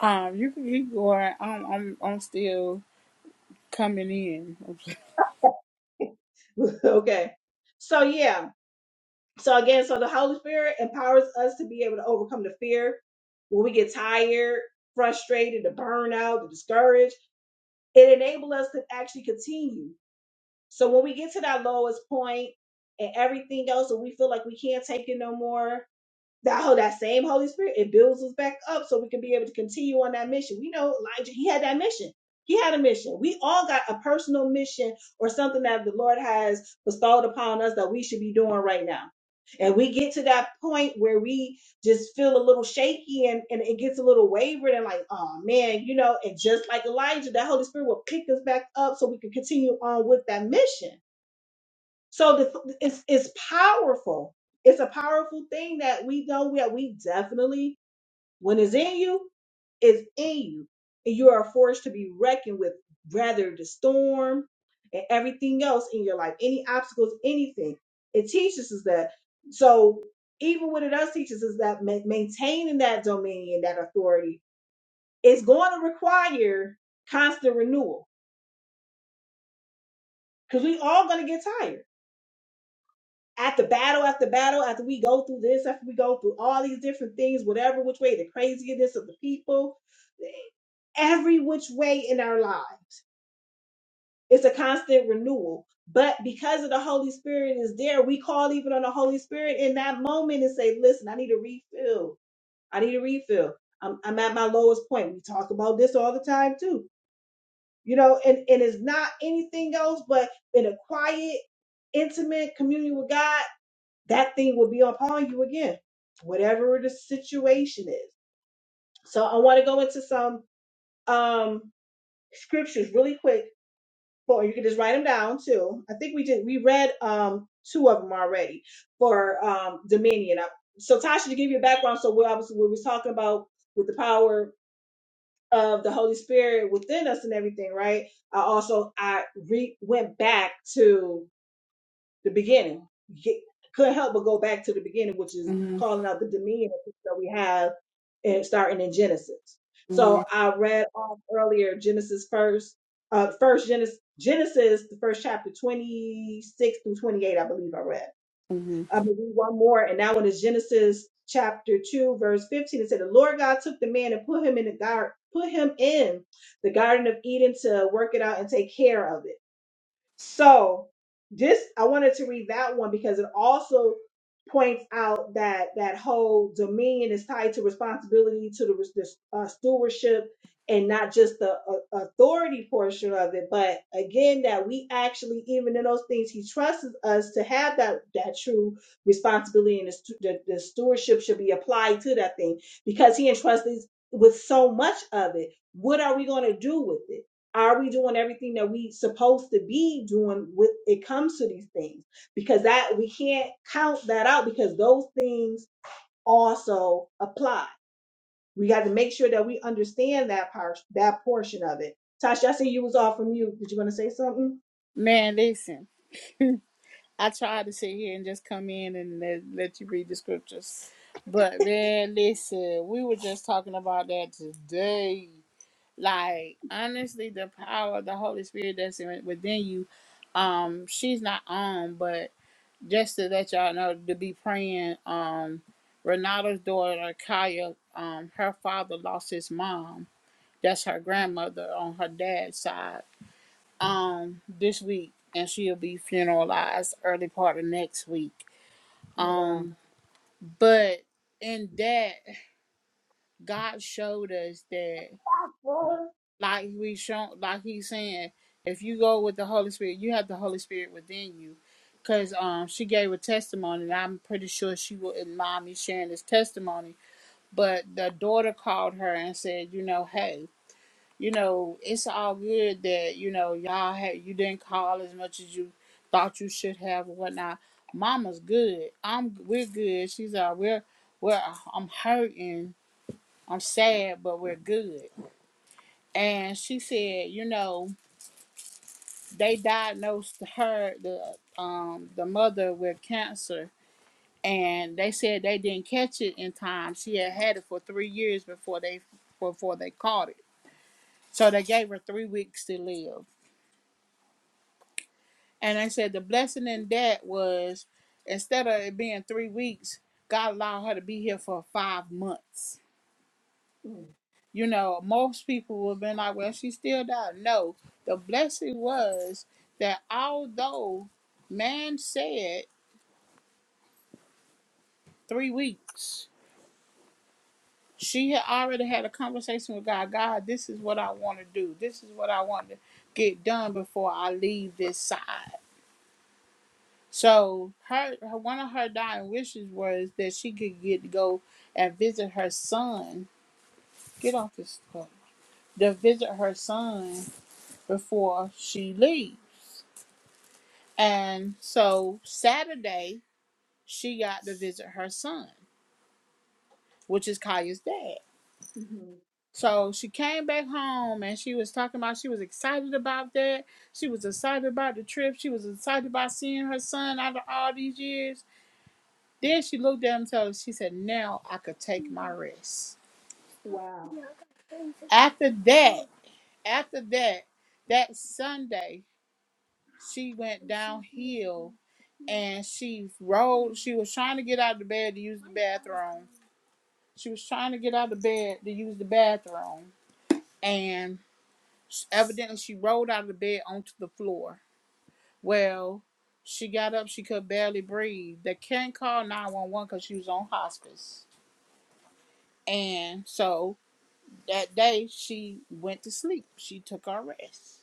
[SPEAKER 4] Um, you can keep going. I'm I'm I'm still coming in.
[SPEAKER 1] okay. So yeah. So again, so the Holy Spirit empowers us to be able to overcome the fear when we get tired, frustrated, the burnout, the discouraged. it enabled us to actually continue. So when we get to that lowest point and everything else, and we feel like we can't take it no more, that whole that same Holy Spirit, it builds us back up so we can be able to continue on that mission. We know Elijah, he had that mission. He had a mission. We all got a personal mission or something that the Lord has bestowed upon us that we should be doing right now. And we get to that point where we just feel a little shaky and, and it gets a little wavered and like, oh man, you know, and just like Elijah, that Holy Spirit will pick us back up so we can continue on with that mission. So the, it's it's powerful. It's a powerful thing that we know that we definitely, when it's in you, is in you, and you are a force to be reckoned with, rather the storm and everything else in your life, any obstacles, anything. It teaches us that. So even what it does teaches us is that ma- maintaining that dominion, that authority, is going to require constant renewal because we all going to get tired after battle after battle, after we go through this, after we go through all these different things, whatever which way, the craziness of the people, every which way in our life. It's a constant renewal. But because of the Holy Spirit is there, we call even on the Holy Spirit in that moment and say, listen, I need a refill. I need a refill. I'm, I'm at my lowest point. We talk about this all the time too. You know, and, and it's not anything else but in a quiet intimate communion with God, that thing will be upon you again, whatever the situation is. So I want to go into some um scriptures really quick, for you can just write them down too. I think we did we read um two of them already for um dominion. I- So Tasha, to give you a background, so we obviously we was talking about with the power of the Holy Spirit within us and everything, right? I also I re- went back to the beginning. You couldn't help but go back to the beginning, which is
[SPEAKER 4] hmm
[SPEAKER 1] calling out the dominion that we have and starting in Genesis.
[SPEAKER 4] hmm
[SPEAKER 1] So I read off earlier Genesis first, uh, first Genesis, Genesis, the first chapter, 26 through 28, I believe I read.
[SPEAKER 4] hmm
[SPEAKER 1] I'm gonna read one more, and that one is Genesis chapter 2, verse 15. It said, The Lord God took the man and put him in the garden, put him in the Garden of Eden to work it out and take care of it. So this I wanted to read that one because it also points out that that whole dominion is tied to responsibility to the, the uh, stewardship and not just the uh, authority portion of it but again that we actually even in those things he trusts us to have that that true responsibility and the, stu- the, the stewardship should be applied to that thing because he entrusts us with so much of it what are we going to do with it are we doing everything that we supposed to be doing with it comes to these things? Because that we can't count that out because those things also apply. We got to make sure that we understand that part, that portion of it. Tasha, I see you was off from you. Did you want to say something?
[SPEAKER 4] Man, listen. I tried to sit here and just come in and let, let you read the scriptures. But man, listen, we were just talking about that today. Like, honestly, the power of the Holy Spirit that's in, within you, um, she's not on, but just to let y'all know to be praying um renata's daughter kaya um her father lost his mom that's her grandmother on her dad's side um this week and she'll be funeralized early part of next week
[SPEAKER 1] Oh,
[SPEAKER 4] um but in that god showed us that
[SPEAKER 1] wow.
[SPEAKER 4] like we show, like he's saying if you go with the holy spirit you have the holy spirit within you because um she gave a testimony and i'm pretty sure she wouldn't mind me sharing this testimony but the daughter called her and said you know hey you know it's all good that you know y'all had you didn't call as much as you thought you should have or whatnot mama's good i'm we're good she's uh we're we're i'm hurting i'm sad but we're good and she said you know they diagnosed her the um the mother with cancer and they said they didn't catch it in time she had had it for three years before they before they caught it so they gave her three weeks to live and they said the blessing in that was instead of it being three weeks god allowed her to be here for five months you know most people would have been like well she still died no the blessing was that although man said three weeks. She had already had a conversation with God. God, this is what I want to do. This is what I want to get done before I leave this side. So her, her one of her dying wishes was that she could get to go and visit her son. Get off this club. To visit her son before she leaves. And so Saturday she got to visit her son, which is Kaya's dad.
[SPEAKER 1] Mm-hmm.
[SPEAKER 4] So she came back home and she was talking about she was excited about that. She was excited about the trip. She was excited about seeing her son after all these years. Then she looked at him and told him, she said, Now I could take my rest.
[SPEAKER 1] Wow.
[SPEAKER 4] After that, after that, that Sunday, she went downhill and she rolled. She was trying to get out of the bed to use the bathroom. She was trying to get out of the bed to use the bathroom. And evidently she rolled out of the bed onto the floor Well, she got up, she could barely breathe. They can't call 911 because she was on hospice. And so that day she went to sleep. She took her rest.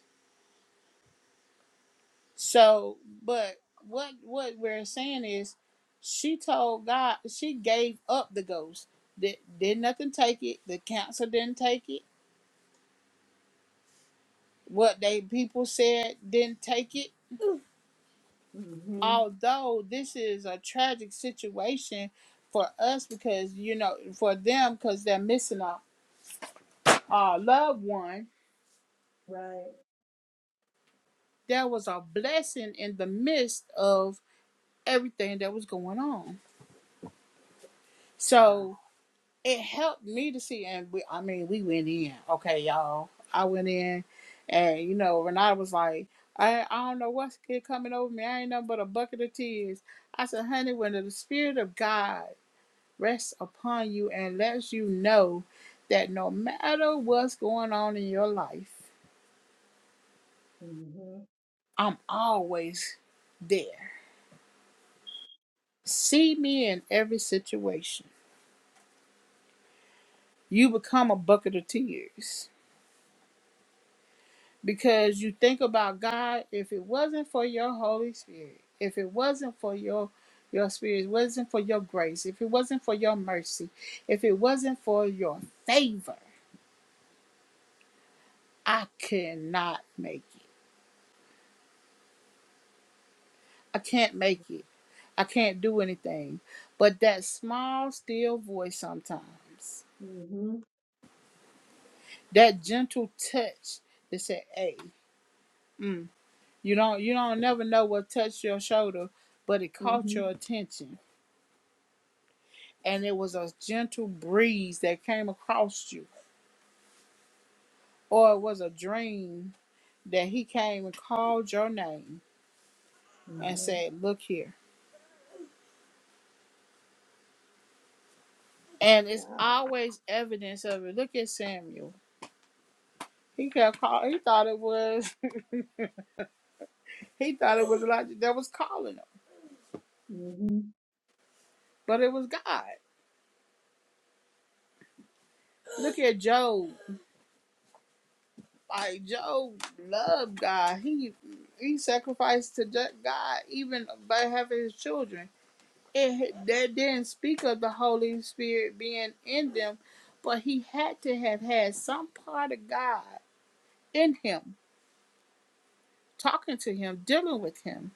[SPEAKER 4] So, but what what we're saying is she told God, she gave up the ghost. Did, did nothing take it. The council didn't take it. What they people said didn't take it
[SPEAKER 1] Mm-hmm.
[SPEAKER 4] although this is a tragic situation for us because you know for them because they're missing a, a loved one
[SPEAKER 1] Right.
[SPEAKER 4] there was a blessing in the midst of everything that was going on
[SPEAKER 1] Wow.
[SPEAKER 4] so it helped me to see and we i mean we went in okay y'all i went in and you know renata was like I, I don't know what's coming over me. I ain't nothing but a bucket of tears. I said, honey, when the Spirit of God rests upon you and lets you know that no matter what's going on in your life,
[SPEAKER 1] Mm-hmm.
[SPEAKER 4] I'm always there. See me in every situation. You become a bucket of tears because you think about God. If it wasn't for your Holy Spirit, if it wasn't for your your spirit, if it wasn't for your grace, if it wasn't for your mercy, if it wasn't for your favor, I cannot make it. I can't make it. I can't do anything. But that small, still voice sometimes,
[SPEAKER 1] Mm-hmm.
[SPEAKER 4] that gentle touch that said, "Hey, mm. you don't, you don't never know what touched your shoulder, but it caught
[SPEAKER 1] Mm-hmm.
[SPEAKER 4] your attention, and it was a gentle breeze that came across you, or it was a dream that he came and called your name and
[SPEAKER 1] Mm-hmm.
[SPEAKER 4] said, "Look here." And it's
[SPEAKER 1] Wow.
[SPEAKER 4] always evidence of it. Look at Samuel. He kept call. He thought it was. He thought it was Elijah that was calling him
[SPEAKER 1] Mm-hmm.
[SPEAKER 4] But it was God. Look at Job. Like Job loved God. He he sacrificed to God even by having his children. It that didn't speak of the Holy Spirit being in them, but he had to have had some part of God in him, talking to him, dealing with him,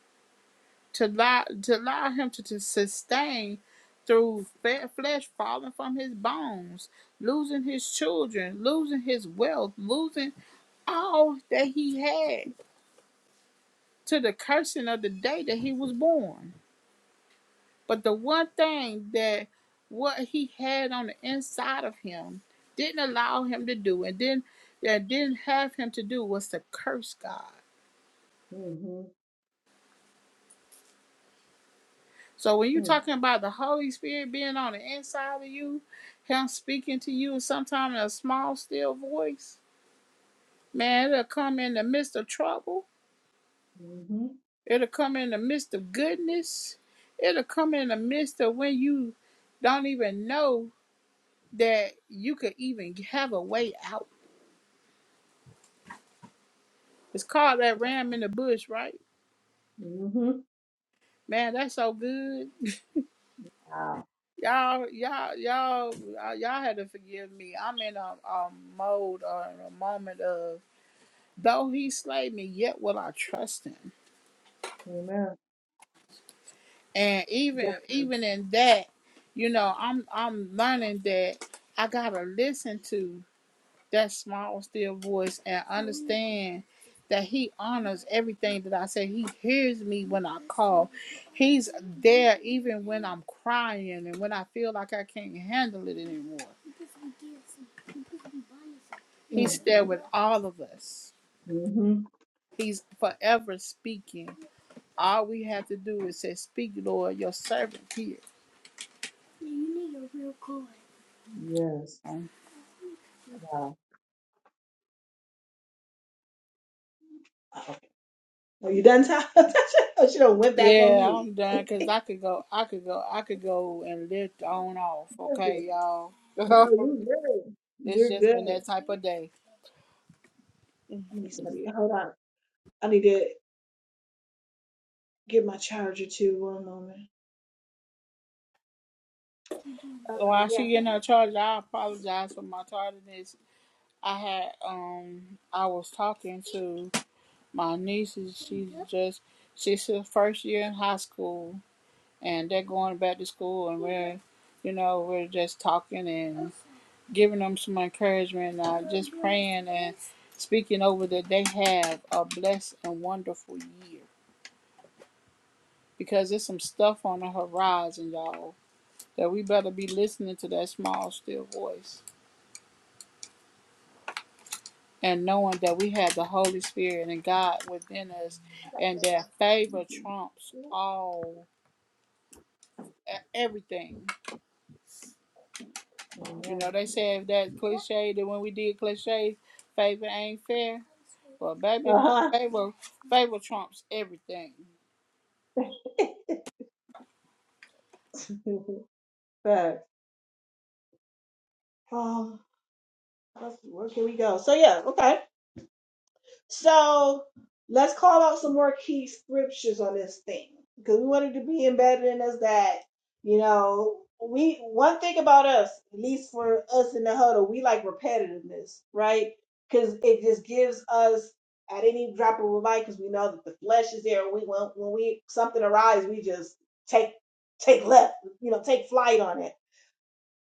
[SPEAKER 4] to allow to allow him to, to sustain through flesh falling from his bones, losing his children, losing his wealth, losing all that he had to the cursing of the day that he was born. But the one thing that what he had on the inside of him didn't allow him to do and didn't that didn't have him to do was to curse God.
[SPEAKER 1] Mm-hmm.
[SPEAKER 4] So when you're
[SPEAKER 1] Mm-hmm.
[SPEAKER 4] talking about the Holy Spirit being on the inside of you, him speaking to you sometime in a small still voice, man, it'll come in the midst of trouble
[SPEAKER 1] Mm-hmm.
[SPEAKER 4] It'll come in the midst of goodness. It'll come in the midst of when you don't even know that you could even have a way out. It's called that ram in the bush, right?
[SPEAKER 1] Mm-hmm.
[SPEAKER 4] Man, that's so good.
[SPEAKER 1] Wow.
[SPEAKER 4] Y'all, y'all, y'all, y'all y'all had to forgive me. I'm in a, a mode or in a moment of though he slay me, yet will I trust him.
[SPEAKER 1] Amen.
[SPEAKER 4] And
[SPEAKER 1] That
[SPEAKER 4] even
[SPEAKER 1] was-
[SPEAKER 4] even in that, you know, I'm I'm learning that I gotta listen to. that small still voice and understand that he honors everything that I say. He hears me when I call. He's there even when I'm crying and when I feel like I can't handle it anymore. He's
[SPEAKER 1] mm
[SPEAKER 4] there with all of us.
[SPEAKER 1] Mm-hmm.
[SPEAKER 4] He's forever speaking. All we have to do is say, Speak, Lord, your servant here.
[SPEAKER 1] Yes. Wow. Wow. Are you done, Tasha? oh, she done went back on
[SPEAKER 4] Yeah,
[SPEAKER 1] mute.
[SPEAKER 4] I'm done because I could go, I could go, I could go and lift on off.
[SPEAKER 1] You're good.
[SPEAKER 4] Okay, y'all.
[SPEAKER 1] No, you're good.
[SPEAKER 4] it's
[SPEAKER 1] You're
[SPEAKER 4] just been
[SPEAKER 1] good.
[SPEAKER 4] that type of day.
[SPEAKER 1] I need somebody. Hold on. I need to get my charger too. One moment. Okay.
[SPEAKER 4] While
[SPEAKER 1] Yeah.
[SPEAKER 4] she getting her
[SPEAKER 1] Please.
[SPEAKER 4] charger, I apologize for my tardiness. I had um I was talking to my nieces. She's just she's her first year in high school and they're going back to school and we're you know, we're just talking and giving them some encouragement and uh, just praying and speaking over that they have a blessed and wonderful year. Because there's some stuff on the horizon, y'all, that we better be listening to that small still voice and knowing that we have the Holy Spirit and God within us, and that favor trumps all e- everything. You know,
[SPEAKER 1] All
[SPEAKER 4] they said that cliche that when we did cliches, favor ain't fair. Well,
[SPEAKER 1] right.
[SPEAKER 4] baby,
[SPEAKER 1] Uh
[SPEAKER 4] favor favor trumps everything.
[SPEAKER 1] huh. Facts. Um. Let's, where can we go? So yeah. Okay. So let's call out some more key scriptures on this thing because we wanted to be embedded in us that, you know, we one thing about us, at least for us in the huddle, we like repetitiveness, right? Because it just gives us at any drop of a mic because we know that the flesh is there. We when, when we something arises, we just take take left, you know, take flight on it.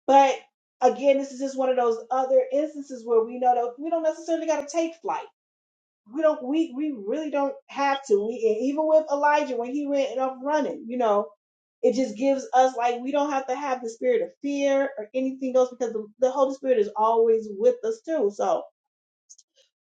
[SPEAKER 1] But again, this is just one of those other instances where we know that we don't necessarily got to take flight we don't we we really don't have to we and even with elijah when he went up running you know it just gives us like we don't have to have the spirit of fear or anything else because the, the holy spirit is always with us too so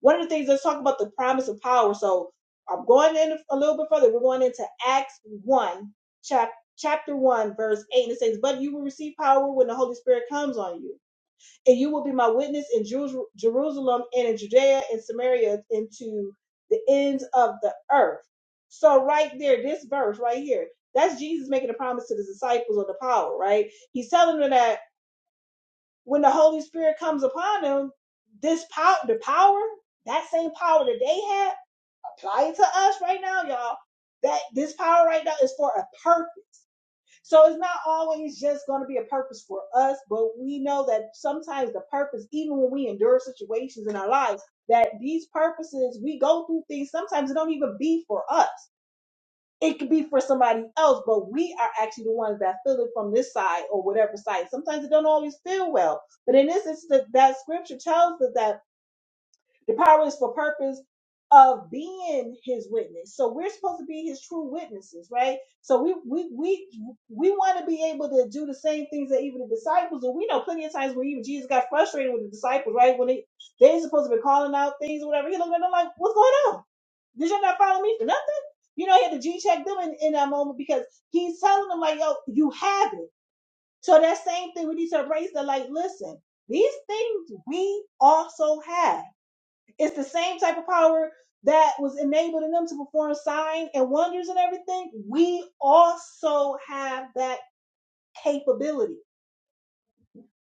[SPEAKER 1] one of the things let's talk about the promise of power so i'm going in a little bit further we're going into acts 1 chap, chapter 1 verse 8 and it says but you will receive power when the holy spirit comes on you and you will be my witness in Jeru- Jerusalem and in Judea and Samaria and to the ends of the earth. So right there, this verse right here, that's Jesus making a promise to the disciples of the power, right? He's telling them that when the Holy Spirit comes upon them, this power, the power, that same power that they had, apply it to us right now, y'all. That this power right now is for a purpose so it's not always just going to be a purpose for us, but we know that sometimes the purpose, even when we endure situations in our lives, that these purposes, we go through things, sometimes it don't even be for us. It could be for somebody else, but we are actually the ones that feel it from this side or whatever side. Sometimes it don't always feel well. But in this instance, that scripture tells us that the power is for purpose of being his witness. So we're supposed to be his true witnesses, right? So we we we we want to be able to do the same things that even the disciples do. We know plenty of times where even Jesus got frustrated with the disciples, right? When they they supposed to be calling out things or whatever. He looked at them like, what's going on? Did y'all not follow me for nothing? You know, he had to G check them in, in that moment because he's telling them like, yo, you have it. So that same thing we need to embrace that like, listen, these things we also have. It's the same type of power that was enabling them to perform signs and wonders and everything. We also have that capability.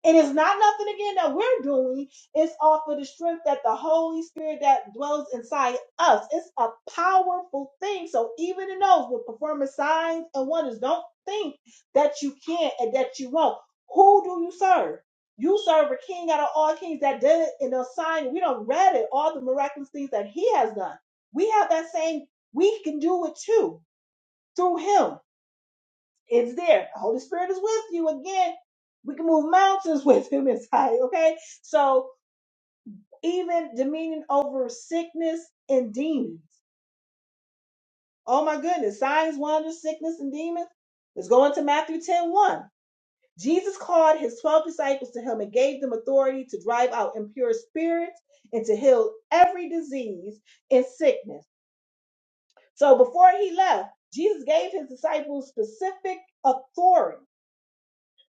[SPEAKER 1] And it's not nothing again that we're doing. It's all for the strength that the Holy Spirit that dwells inside us. It's a powerful thing. So even in those with performance signs and wonders, don't think that you can't and that you won't. Who do you serve? You serve a king out of all kings that did it in a sign. We don't read it, all the miraculous things that he has done. We have that same, we can do it too through him. It's there. The Holy Spirit is with you again. We can move mountains with him inside, okay? So even dominion over sickness and demons. Oh my goodness, signs, wonders, sickness, and demons. Let's go into Matthew ten one. Jesus called his 12 disciples to him and gave them authority to drive out impure spirits and to heal every disease and sickness. So before he left, Jesus gave his disciples specific authority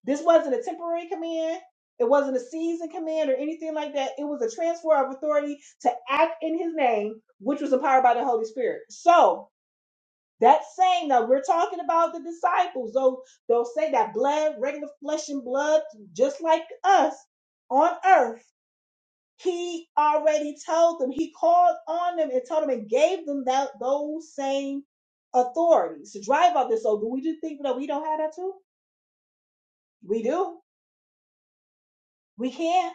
[SPEAKER 1] This wasn't a temporary command. It wasn't a season command or anything like that. It was a transfer of authority to act in his name, which was empowered by the Holy Spirit. So that saying that we're talking about the disciples, those those say that blood, regular flesh and blood, just like us on earth, he already told them, he called on them and told them and gave them that those same authorities to drive out this. So do we just think that we don't have that too? We do. We can.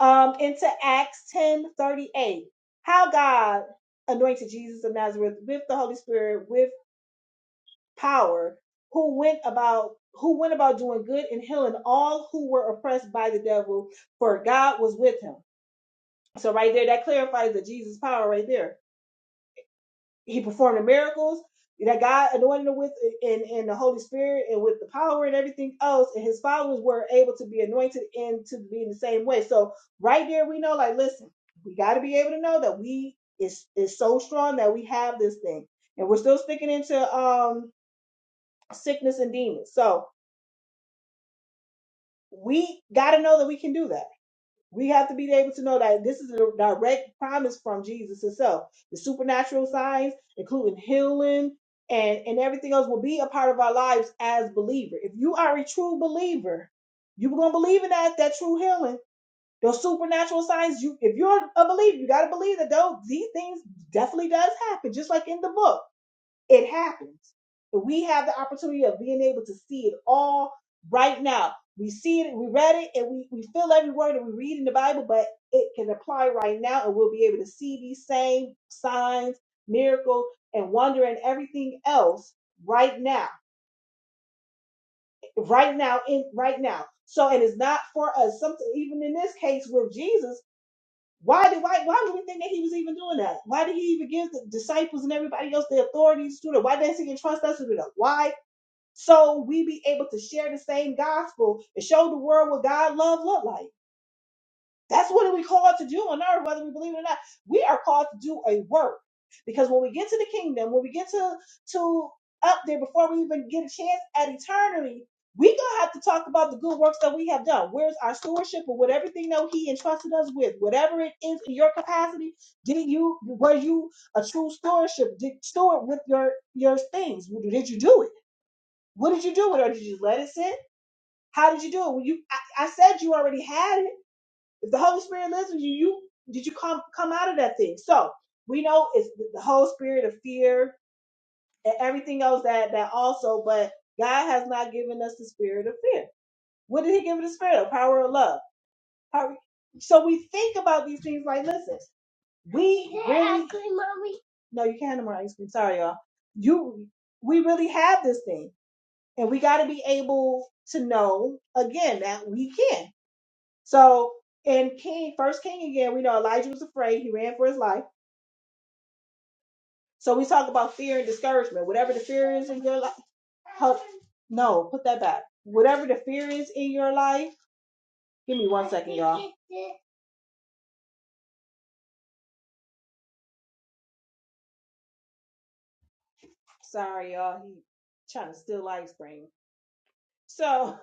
[SPEAKER 1] um, into Acts ten thirty eight, How God anointed Jesus of Nazareth with the Holy Spirit with power, who went about who went about doing good and healing all who were oppressed by the devil, for God was with him. So right there, that clarifies the Jesus power right there. he performed the miracles that God anointed him with in, in the Holy Spirit and with the power and everything else, and his followers were able to be anointed and to be in the same way. So right there we know, like, listen, we gotta be able to know that we is is so strong that we have this thing. And we're still sticking into um sickness and demons. So we gotta know that we can do that We have to be able to know that this is a direct promise from Jesus himself. The supernatural signs, including healing and, and everything else, will be a part of our lives as believers. If you are a true believer, you're gonna believe in that that true healing. Those supernatural signs, you if you're a believer, you gotta believe that those these things definitely does happen, just like in the book. It happens. But we have the opportunity of being able to see it all right now. We see it, we read it, and we, we feel every word that we read in the Bible, but it can apply right now, and we'll be able to see these same signs, miracles, and wonder and everything else right now. Right now, in right now. So and it's not for us. Something even in this case with Jesus, why did why why do we think that he was even doing that? Why did he even give the disciples and everybody else the authorities to do that? Why doesn't he trust us to do that? Why so we be able to share the same gospel and show the world what God love look like. That's what we called to do on earth, whether we believe it or not. We are called to do a work because when we get to the kingdom, when we get to to up there before we even get a chance at eternity, we gonna have to talk about the good works that we have done. Where's our stewardship or with everything that He entrusted us with, whatever it is in your capacity? Did you were you a true stewardship? Did steward with your your things? Did you do it? What did you do with her? Did you let it sit? How did you do it? Well, you, I, I said you already had it. If the Holy Spirit lives with you, you did you come come out of that thing? So we know it's the the whole spirit of fear and everything else that that also. But God has not given us the spirit of fear. What did He give us? The spirit of power of love. Power- So we think about these things like, listen, we Can I have really. ice cream, Mommy? No, you can't have no more ice cream. Sorry, y'all. You, we really have this thing. And we got to be able to know again that we can. So in King, first King again, we know Elijah was afraid. He ran for his life. So we talk about fear and discouragement. Whatever the fear is in your life, help. No, put that back. Whatever the fear is in your life, give me one second, y'all. Sorry, y'all. He trying to steal ice cream. So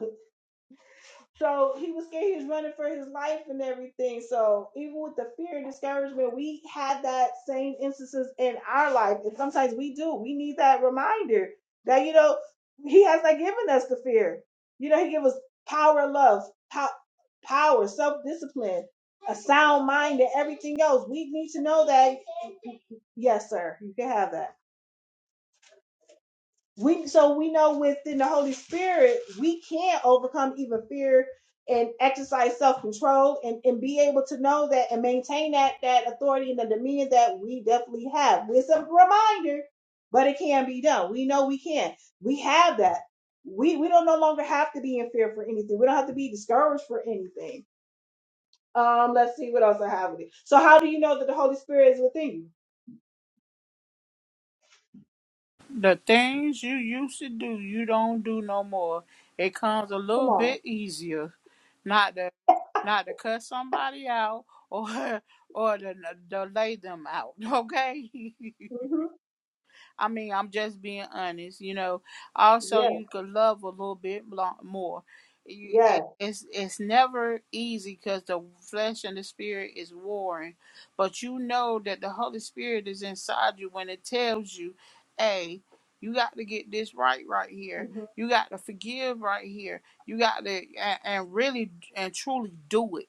[SPEAKER 1] So he was scared he was running for his life and everything. So even with the fear and discouragement, we had that same instances in our life. And sometimes we do. We need that reminder that, you know, he has not given us the fear. You know, he gave us power, love, pow- power, self-discipline, a sound mind, and everything else. We need to know that. Yes, sir. You can have that. We so we know within the Holy Spirit we can overcome even fear and exercise self-control and, and be able to know that and maintain that that authority and the dominion that we definitely have. It's a reminder, but it can be done. We know we can. We have that. We we don't no longer have to be in fear for anything. We don't have to be discouraged for anything. Um, let's see what else I have with it. So how do you know that the Holy Spirit is within you?
[SPEAKER 4] The things you used to do, you don't do no more. It comes a
[SPEAKER 1] Come
[SPEAKER 4] little
[SPEAKER 1] on.
[SPEAKER 4] bit easier, not to not to cut somebody out or or to, to lay them out. Okay.
[SPEAKER 1] hmm
[SPEAKER 4] I mean, I'm just being honest, you know. Also,
[SPEAKER 1] Yes.
[SPEAKER 4] you could love a little bit blo- more. You,
[SPEAKER 1] Yes.
[SPEAKER 4] it, it's it's never easy because the flesh and the spirit is warring, but you know that the Holy Spirit is inside you when it tells you, "Hey, you got to get this right right here.
[SPEAKER 1] hmm
[SPEAKER 4] You got to forgive right here. You got to and, and really and truly do it."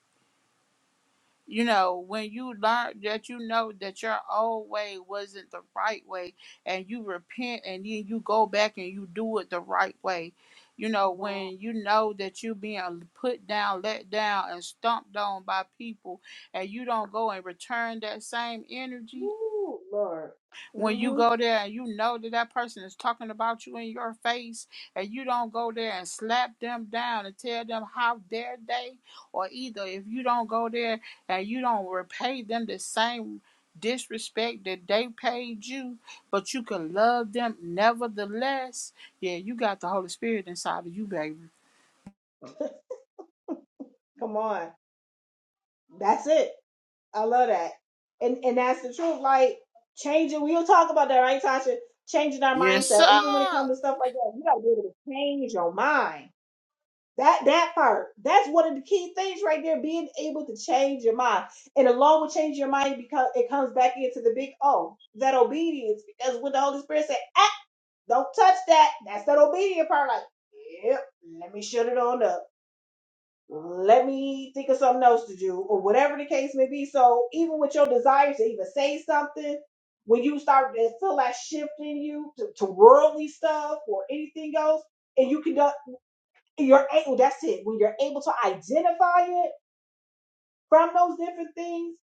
[SPEAKER 4] you know, when you learn that you know that your old way wasn't the right way and you repent and then you go back and you do it the right way. You know,
[SPEAKER 1] Wow.
[SPEAKER 4] when you know that you being put down, let down, and stomped on by people, and you don't go and return that same energy,
[SPEAKER 1] Ooh, Lord.
[SPEAKER 4] when you
[SPEAKER 1] hmm
[SPEAKER 4] go there and you know that that person is talking about you in your face and you don't go there and slap them down and tell them how dare they or either if you don't go there and you don't repay them the same disrespect that they paid you but you can love them nevertheless yeah you got the holy spirit inside of you baby
[SPEAKER 1] Come on. That's it. I love that. And and that's the truth. Like changing, we'll talk about that, right, Tasha? Changing our
[SPEAKER 4] yes
[SPEAKER 1] mindset. Even when it
[SPEAKER 4] sir
[SPEAKER 1] comes to stuff like that, you gotta be able to change your mind. That that part. That's one of the key things right there, being able to change your mind. And along with changing your mind, because it comes back into the big O, that obedience. Because when the Holy Spirit said, ah, don't touch that, that's that obedient part. Like, yep, let me shut it on up let me think of something else to do, or whatever the case may be. So even with your desire to even say something, when you start to feel that shift in you to, to worldly stuff or anything else, and you can, do- you're able. That's it. When you're able to identify it from those different things,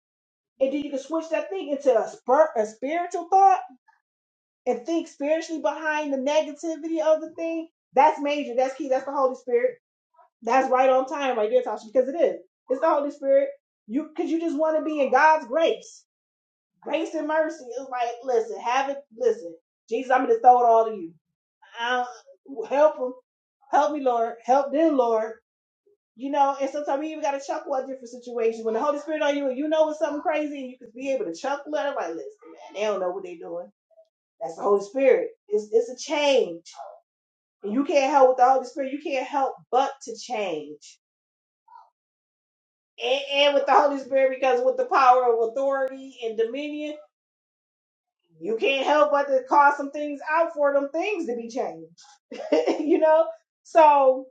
[SPEAKER 1] and then you can switch that thing into a, spir- a spiritual thought and think spiritually behind the negativity of the thing. That's major. That's key. That's the Holy Spirit That's right on time right there, Tasha, because it is. It's the Holy Spirit. You because you just want to be in God's grace. Grace and mercy. It's like, listen, have it, listen. Jesus, I'm gonna throw it all to you. I, help them. Help me, Lord. Help them, Lord. You know, and sometimes you even gotta chuckle at different situations. When the Holy Spirit on you and you know it's something crazy, and you could be able to chuckle at it, like, listen, man, they don't know what they're doing. That's the Holy Spirit. It's it's a change. And you can't help with the Holy Spirit. You can't help but to change and, and with the Holy Spirit, because with the power of authority and dominion, you can't help but to call some things out for them things to be changed. you know? So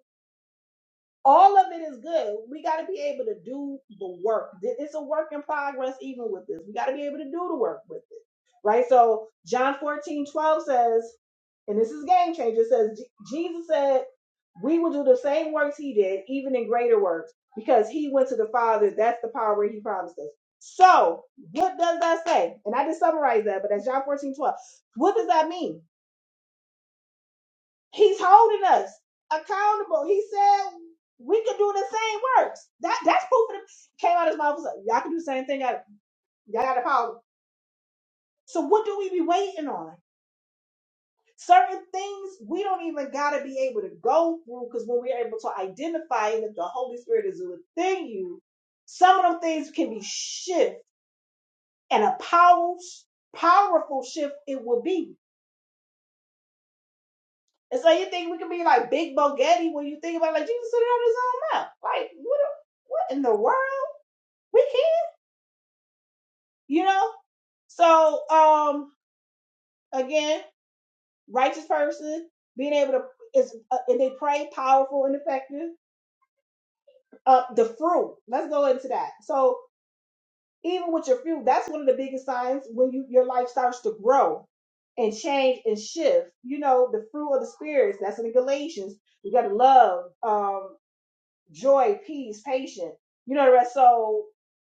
[SPEAKER 1] all of it is good. We got to be able to do the work. Th- It's a work in progress, even with this. We got to be able to do the work with it. Right? So John 14 12 says, and this is game changer, it says Jesus said, We will do the same works he did, even in greater works, because he went to the Father. That's the power he promised us. So, what does that say? And I just summarized that, but that's John 14 12. What does that mean? He's holding us accountable. He said we could do the same works. That that's proof of the, came out of his mouth. was like, Y'all can do the same thing. Y'all y'all got the power. So what do we be waiting on? Certain things we don't even got to be able to go through because when we're able to identify it, if the Holy Spirit is within you, some of them things can be shift and a powerful, powerful shift it will be. And so you think we can be like Big Bogetti when you think about like Jesus said it on his own mouth. Like what? What in the world? We can't, you know. So um, again, righteous person being able to is uh, and they pray powerful and effective uh, the fruit. Let's go into that. So even with your fruit, that's one of the biggest signs when you your life starts to grow and change and shift. You know, the fruit of the spirits. That's in Galatians. You got to love, um, joy, peace, patience. You know the rest. So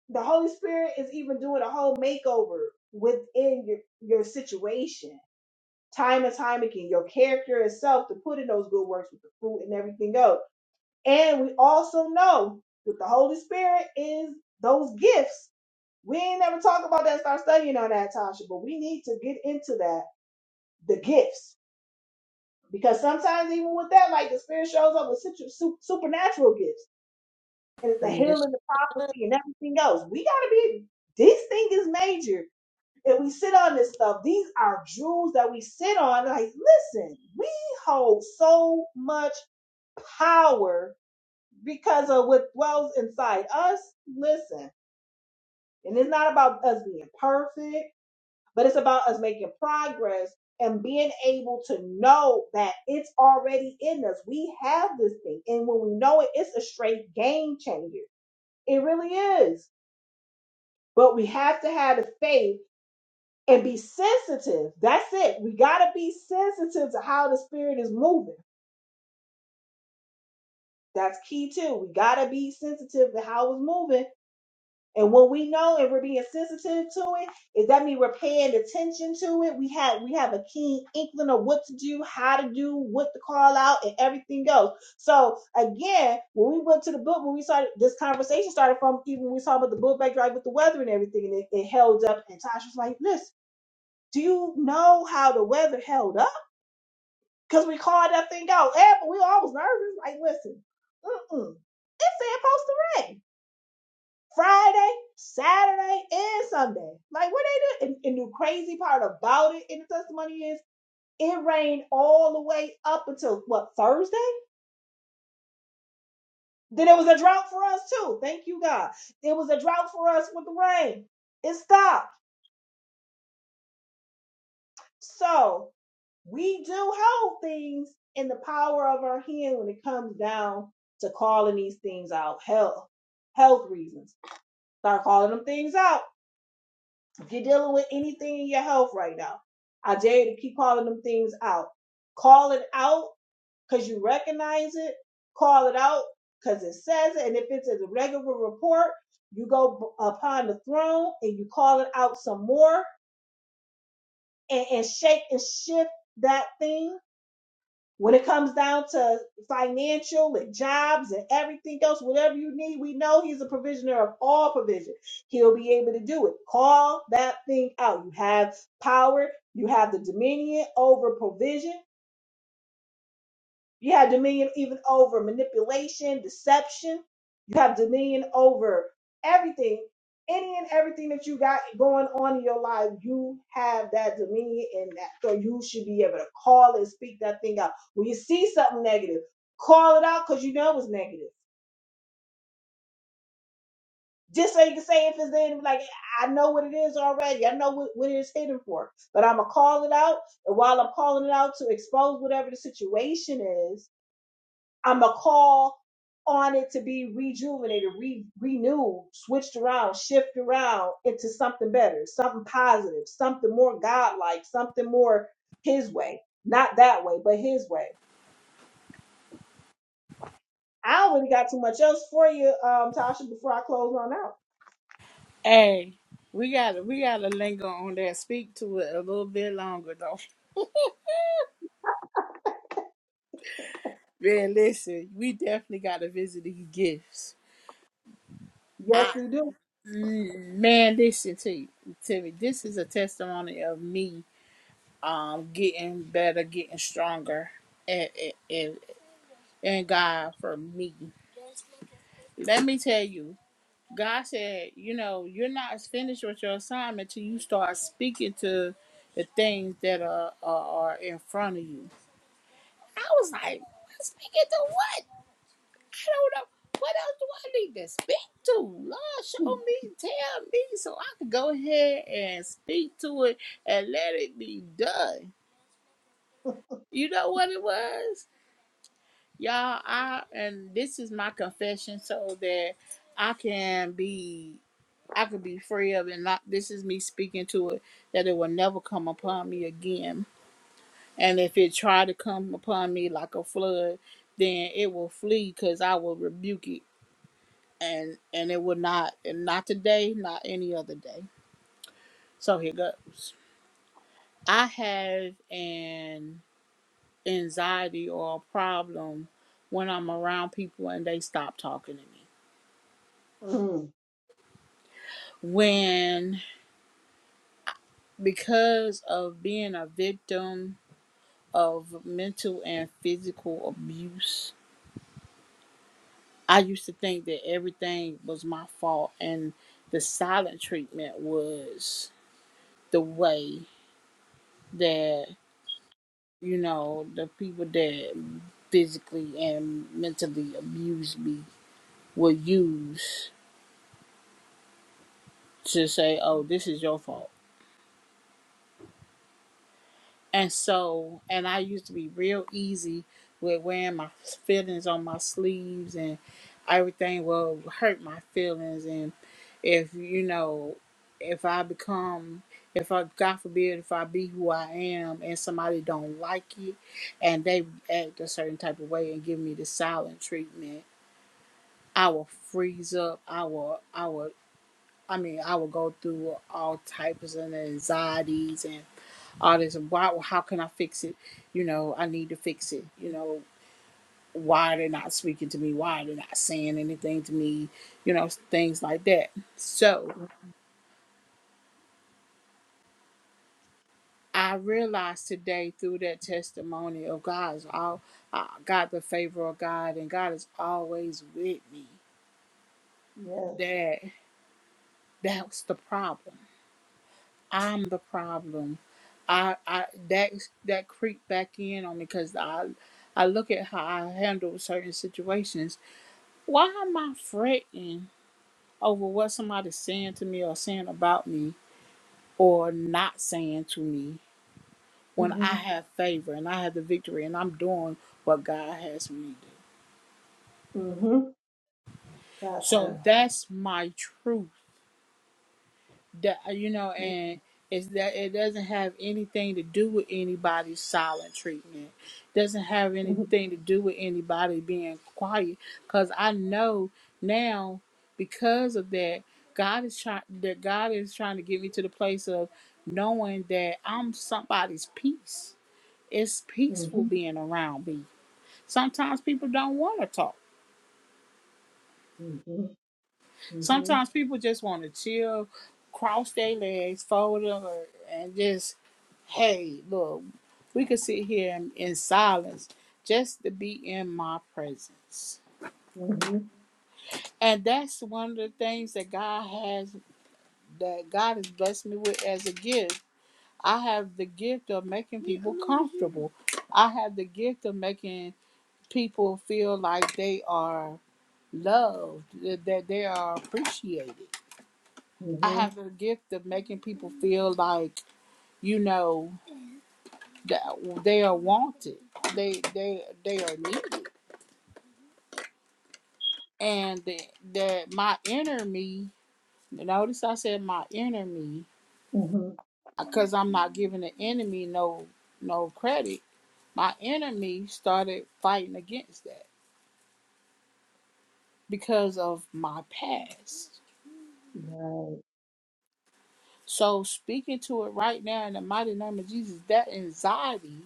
[SPEAKER 1] the Holy Spirit is even doing a whole makeover within your your situation. Time and time again, your character itself to put in those good works with the fruit and everything else. And we also know with the Holy Spirit is those gifts. We ain't never talk about that, start studying on that, Tasha, but we need to get into that, the gifts. Because sometimes even with that, like the Spirit shows up with situ- su- supernatural gifts. And it's the
[SPEAKER 4] yes
[SPEAKER 1] healing, the
[SPEAKER 4] sir
[SPEAKER 1] prophecy, and everything else. We got to be, this thing is major. If we sit on this stuff, these are jewels that we sit on. Like, listen, we hold so much power because of what dwells inside us. Listen, and it's not about us being perfect, but it's about us making progress and being able to know that it's already in us. We have this thing, and when we know it, it's a straight game changer. It really is. But we have to have the faith and be sensitive. That's it. We got to be sensitive to how the spirit is moving. That's key too. We got to be sensitive to how it's moving And when we know and we're being sensitive to it, is that mean we're paying attention to it? We have we have a keen inkling of what to do, how to do, what to call out, and everything else. So again, when we went to the book, when we started this conversation started from even when we saw about the book backdrop with the weather and everything, and it, it held up. And Tasha was like, "Listen, do you know how the weather held up? Because we called that thing out. Yeah, but we were always nervous. Like, listen, mm-mm, it said supposed to rain Friday, Saturday, and Sunday. Like what they do. And, and the crazy part about it in the testimony is it rained all the way up until what Thursday? Then it was a drought for us too. Thank you, God. It was a drought for us with the rain. It stopped. So we do hold things in the power of our hand when it comes down to calling these things out. Health, health reasons. Start calling them things out If you're dealing with anything in your health right now, I dare you to keep calling them things out. Call it out because you recognize it. Call it out because it says it. And if it's a regular report, you go upon the throne and you call it out some more and, and shake and shift that thing when it comes down to financial and jobs and everything else, whatever you need, we know He's a provisioner of all provision. He'll be able to do it. Call that thing out. You have power, you have the dominion over provision. You have dominion even over manipulation, deception. You have dominion over everything, any and everything that you got going on in your life. You have that dominion in that. So you should be able to call and speak that thing out. When you see something negative, call it out because you know it's negative. Just so you can say if it's in, like, I know what it is already. I know what, what it is hidden for. But I'm going to call it out. And while I'm calling it out to expose whatever the situation is, I'm going to call on it to be rejuvenated, re- renewed, switched around, shifted around into something better, something positive, something more godlike, something more his way. Not that way, but his way. I already got too much else for you, um, Tasha, before I close on out.
[SPEAKER 4] hey we gotta we gotta linger on that speak to it a little bit longer though Man, listen, we definitely got to visit these gifts.
[SPEAKER 1] Yes,
[SPEAKER 4] I,
[SPEAKER 1] we do.
[SPEAKER 4] mm, man, listen to you, to me. This is a testimony of me, um, getting better, getting stronger, and and and God for me. Let me tell you, God said, you know, you're not finished with your assignment till you start speaking to the things that are are, are in front of you. I was like, speaking to what? I don't know. What else do I need to speak to? Lord, show me, tell me, so I can go ahead and speak to it and let it be done. You know what it was? Y'all, I and this is my confession so that I can be I can be free of it. Not this is me speaking to it that it will never come upon me again. And if it try to come upon me like a flood, then it will flee because I will rebuke it and and it will not and not today not any other day so here goes i have an anxiety or a problem when i'm around people and they stop talking to me
[SPEAKER 1] Mhm.
[SPEAKER 4] when because of being a victim of mental and physical abuse i used to think that everything was my fault and the silent treatment was the way that. you know, the people that physically and mentally abuse me will use to say, oh, this is your fault. And so, and I used to be real easy with wearing my feelings on my sleeves and everything will hurt my feelings. And if, you know, if I become, if I, God forbid, if I be who I am and somebody don't like it and they act a certain type of way and give me the silent treatment I will freeze up. I will, I will, I mean, I will go through all types of anxieties and all this. Why, how can I fix it? You know, I need to fix it. You know, why are they not speaking to me? Why are they not saying anything to me? You know, things like that. So I realized today through that testimony of God's all, I got the favor of God and God is always with me.
[SPEAKER 1] Yes.
[SPEAKER 4] That that's the problem I'm the problem. I, I that that creep back in on me because I I look at how I handle certain situations. Why am I fretting over what somebody's saying to me or saying about me or not saying to me when I
[SPEAKER 1] hmm
[SPEAKER 4] have favor and I have the victory and I'm doing what God has me to do?
[SPEAKER 1] hmm That
[SPEAKER 4] So
[SPEAKER 1] part.
[SPEAKER 4] that's my truth. that uh, you know,
[SPEAKER 1] hmm
[SPEAKER 4] and it's that it doesn't have anything to do with anybody's silent treatment. Doesn't have
[SPEAKER 1] hmm
[SPEAKER 4] anything to do with anybody being quiet. Cause I know now because of that, God is trying that God is trying to get me to the place of knowing that I'm somebody's peace. It's peaceful
[SPEAKER 1] hmm
[SPEAKER 4] being around me. Sometimes people don't want to talk.
[SPEAKER 1] hmm
[SPEAKER 4] Sometimes people just want to chill, cross their legs, fold them, or- and just hey, look, we could sit here in, in silence just to be in my presence.
[SPEAKER 1] hmm
[SPEAKER 4] And that's one of the things that God has, that God has blessed me with as a gift. I have the gift of making people comfortable. I have the gift of making people feel like they are loved, that that they are appreciated. I have
[SPEAKER 1] hmm
[SPEAKER 4] the gift of making people feel like, you know, that they are wanted they they they are needed. and the, the my inner me notice i said my inner me because i'm not giving the enemy no no credit my enemy started fighting against that because of my past
[SPEAKER 1] hmm
[SPEAKER 4] so speaking to it right now in the mighty name of jesus that anxiety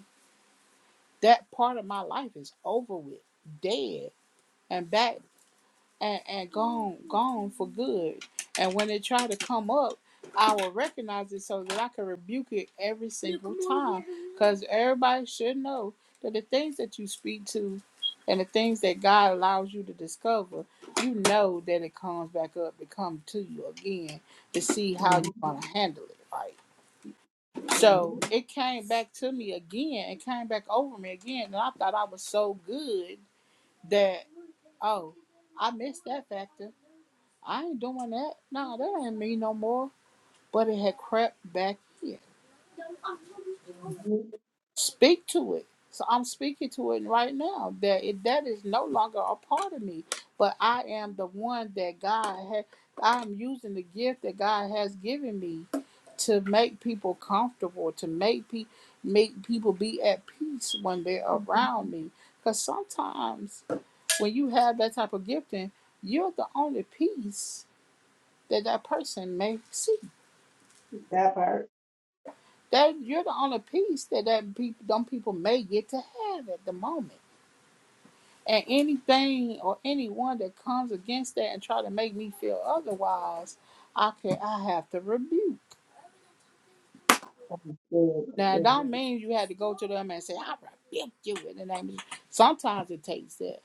[SPEAKER 4] that part of my life is over with dead and back and, and gone gone for good. And when it try to come up, I will recognize it so that I can rebuke it every single time. Because everybody should know that the things that you speak to and the things that God allows you to discover, you know that it comes back up to come to you again to see how
[SPEAKER 1] Right.
[SPEAKER 4] you're gonna handle it. Right. So
[SPEAKER 1] Mhm,
[SPEAKER 4] it came back to me again. It came back over me again. And I thought I was so good that, oh, I missed that factor I ain't doing that. Nah, that ain't me no more. But it had crept back in.
[SPEAKER 1] mhm.
[SPEAKER 4] Speak to it. So I'm speaking to it right now that it, that is no longer a part of me, but I am the one that God had. I'm using the gift that God has given me to make people comfortable, to make pe- make people be at peace when they're around me. Because sometimes when you have that type of gifting, you're the only peace that that person may see
[SPEAKER 1] That part.
[SPEAKER 4] That you're the only piece that that people, them people may get to have at the moment. And anything or anyone that comes against that and try to make me feel otherwise, I can I have to rebuke.
[SPEAKER 1] That's good.
[SPEAKER 4] Now, it
[SPEAKER 1] Good.
[SPEAKER 4] don't mean you had to go to them and say, "I rebuke you in the name." of Jesus." Sometimes it takes that,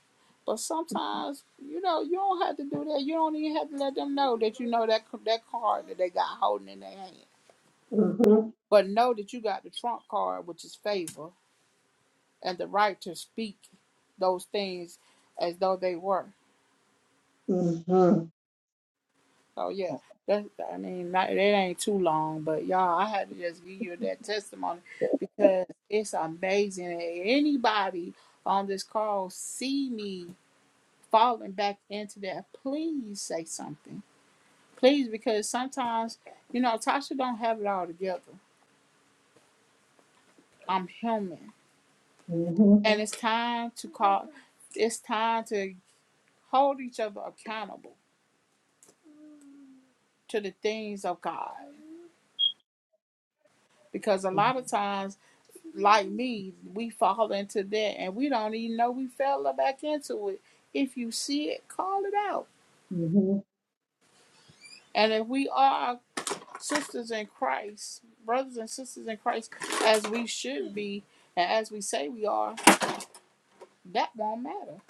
[SPEAKER 4] but sometimes you know you don't have to do that. You don't even have to let them know that you know that that card that they got holding in their hand.
[SPEAKER 1] Mhm,
[SPEAKER 4] But know that you got the trump card, which is favor, and the right to speak those things as though they were.
[SPEAKER 1] mhm.
[SPEAKER 4] So yeah, that I mean, not, that ain't too long, but y'all, I had to just give you that testimony because it's amazing. And Anybody on this call see me falling back into that? Please say something, please, because sometimes you know Tasha don't have it all together. I'm human,
[SPEAKER 1] Mhm,
[SPEAKER 4] and it's time to call. It's time to hold each other accountable to the things of God. because a lot of times like me we fall into that and we don't even know we fell back into it if you see it call it out
[SPEAKER 1] mhm.
[SPEAKER 4] and if we are sisters in christ brothers and sisters in christ as we should be and as we say we are that won't matter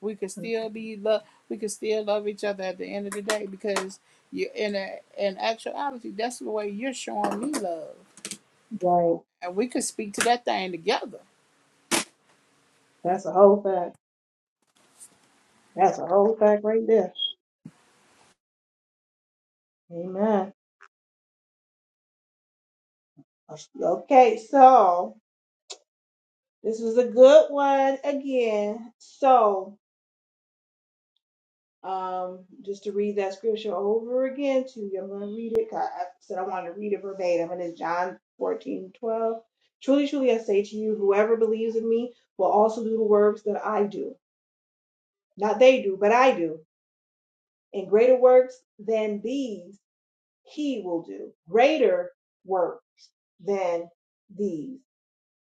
[SPEAKER 4] we could still be love we could still love each other at the end of the day because you in a, in actuality that's the way you're showing me love
[SPEAKER 1] Right.
[SPEAKER 4] and we could speak to that thing together
[SPEAKER 1] That's a whole fact. That's a whole fact right there. Amen. Okay, so this was a good one again. So um, just to read that scripture over again to you. I'm going to read it. 'cause I I said I wanted to read it verbatim, and it's John 14:12. Truly, truly, I say to you, whoever believes in me will also do the works that I do. Not they do, but I do. And greater works than these he will do. Greater works than these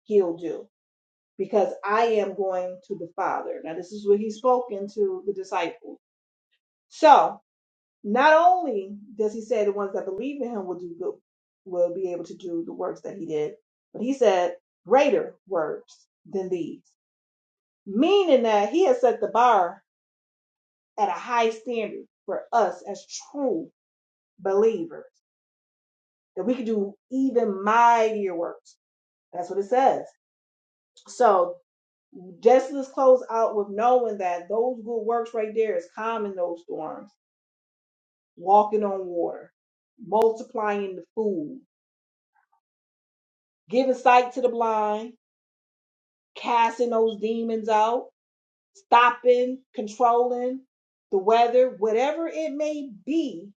[SPEAKER 1] he'll do. Because I am going to the Father. Now, this is what he's spoken to the disciples. So, Not only does he say the ones that believe in him will do good, will be able to do the works that he did, but he said greater works than these, meaning that he has set the bar at a high standard for us as true believers, that we can do even mightier works. That's what it says. So just let's close out with knowing that those good works right there is calming those storms, walking on water, multiplying the food, giving sight to the blind, casting those demons out, stopping, controlling the weather, whatever it may be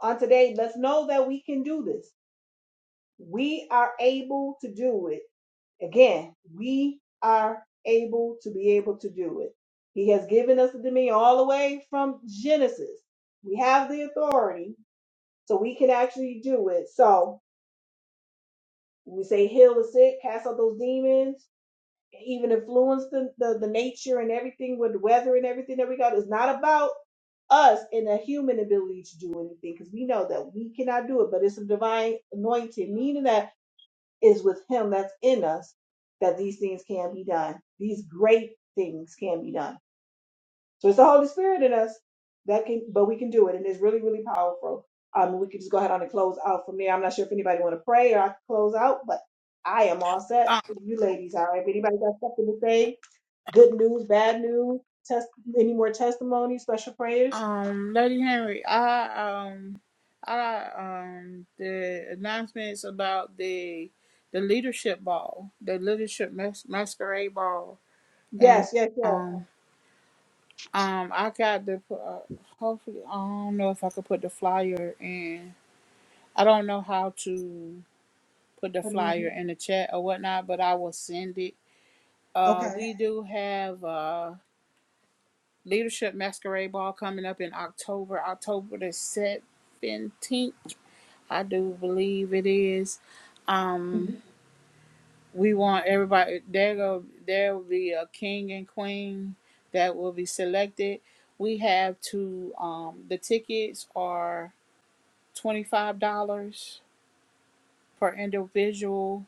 [SPEAKER 1] on today, let's know that we can do this. We are able to do it. Again, we are able to be able to do it. He has given us the dominion all the way from Genesis. We have the authority, so we can actually do it. So when we say heal the sick, cast out those demons, even influence the, the, the nature and everything with the weather and everything that we got. It's not about us and a human ability to do anything because we know that we cannot do it, but it's a divine anointing, meaning that is with Him that's in us that these things can be done. These great things can be done. So it's the Holy Spirit in us that can, but we can do it, and it's really, really powerful. Um, we can just go ahead on and close out from there. I'm not sure if anybody want to pray or I can close out, but I am all set. You ladies, all right? If anybody got something to say, Good news, bad news, test any more testimonies, special prayers?
[SPEAKER 4] Um, Lady Henry, I um, I got, um the announcements about the the leadership ball, the leadership mas- masquerade ball, and
[SPEAKER 1] Yes, yes, yes.
[SPEAKER 4] um um I got the uh, hopefully I don't know if I could put the flyer in. I don't know how to put the
[SPEAKER 1] Put it in
[SPEAKER 4] flyer
[SPEAKER 1] here.
[SPEAKER 4] in the chat or whatnot, but I will send it. Uh,
[SPEAKER 1] Okay.
[SPEAKER 4] we do have uh leadership masquerade ball coming up in October, October the seventeenth. I do believe it is. Um,
[SPEAKER 1] Mhm.
[SPEAKER 4] we want everybody. There go. There will be a king and queen that will be selected. We have to. Um, the tickets are twenty five dollars per individual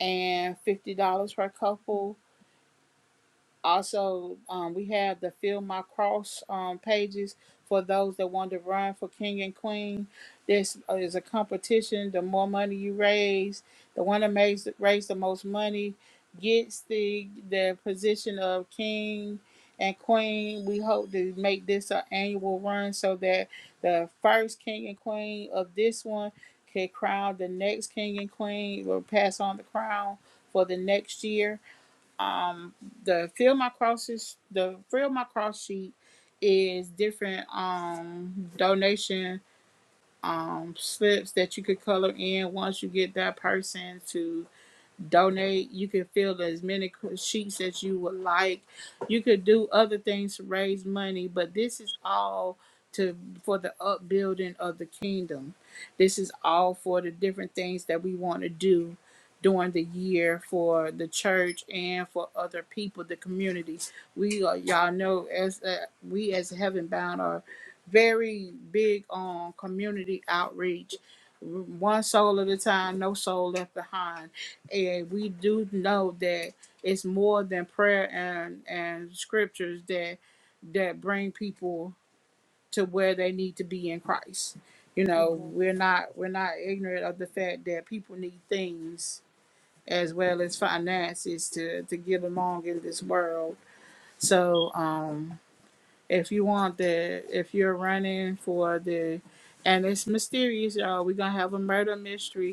[SPEAKER 4] and fifty dollars per couple Also, um, we have the Feel My Cross um, pages for those that want to run for King and Queen. This is a competition. The more money you raise, the one that makes, raise the most money gets the the position of King and Queen. We hope to make this an annual run so that the first King and Queen of this one can crown the next King and Queen or pass on the crown for the next year um the fill my crosses the fill my cross sheet is different um donation um slips that you could color in once you get that person to donate you can fill as many sheets as you would like you could do other things to raise money but this is all to for the upbuilding of the kingdom this is all for the different things that we want to do during the year for the church and for other people the community we are y'all know as uh, we as heaven bound are very big on community outreach one soul at a time no soul left behind and we do know that it's more than prayer and and scriptures that that bring people to where they need to be in Christ. You know,
[SPEAKER 1] Amen.
[SPEAKER 4] we're not we're not ignorant of the fact that people need things as well as finances to to get along in this world. So, um if you want the if you're running for the and it's mysterious, y'all, we're going to have a murder mystery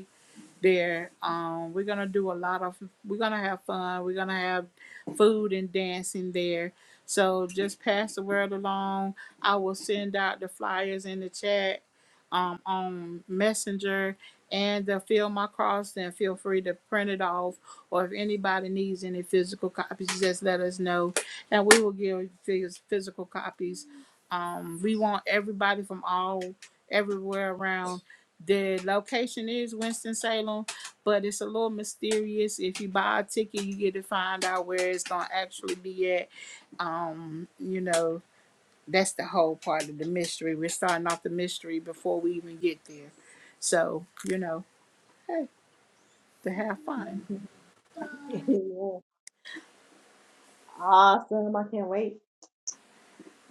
[SPEAKER 4] there. Um, we're gonna do a lot of. We're gonna have fun. We're gonna have food and dancing there. So just pass the word along. I will send out the flyers in the chat, um, on Messenger, and the fill my cross. Then feel free to print it off, or if anybody needs any physical copies, just let us know, and we will give phys- physical copies. Um, we want everybody from all everywhere around the location is Winston-Salem, but it's a little mysterious. If you buy a ticket, you get to find out where it's gonna actually be at. Um, you know, that's the whole part of the mystery. We're starting off the mystery before we even get there. So, you know, hey, to have fun.
[SPEAKER 1] Amen. Awesome. I can't wait.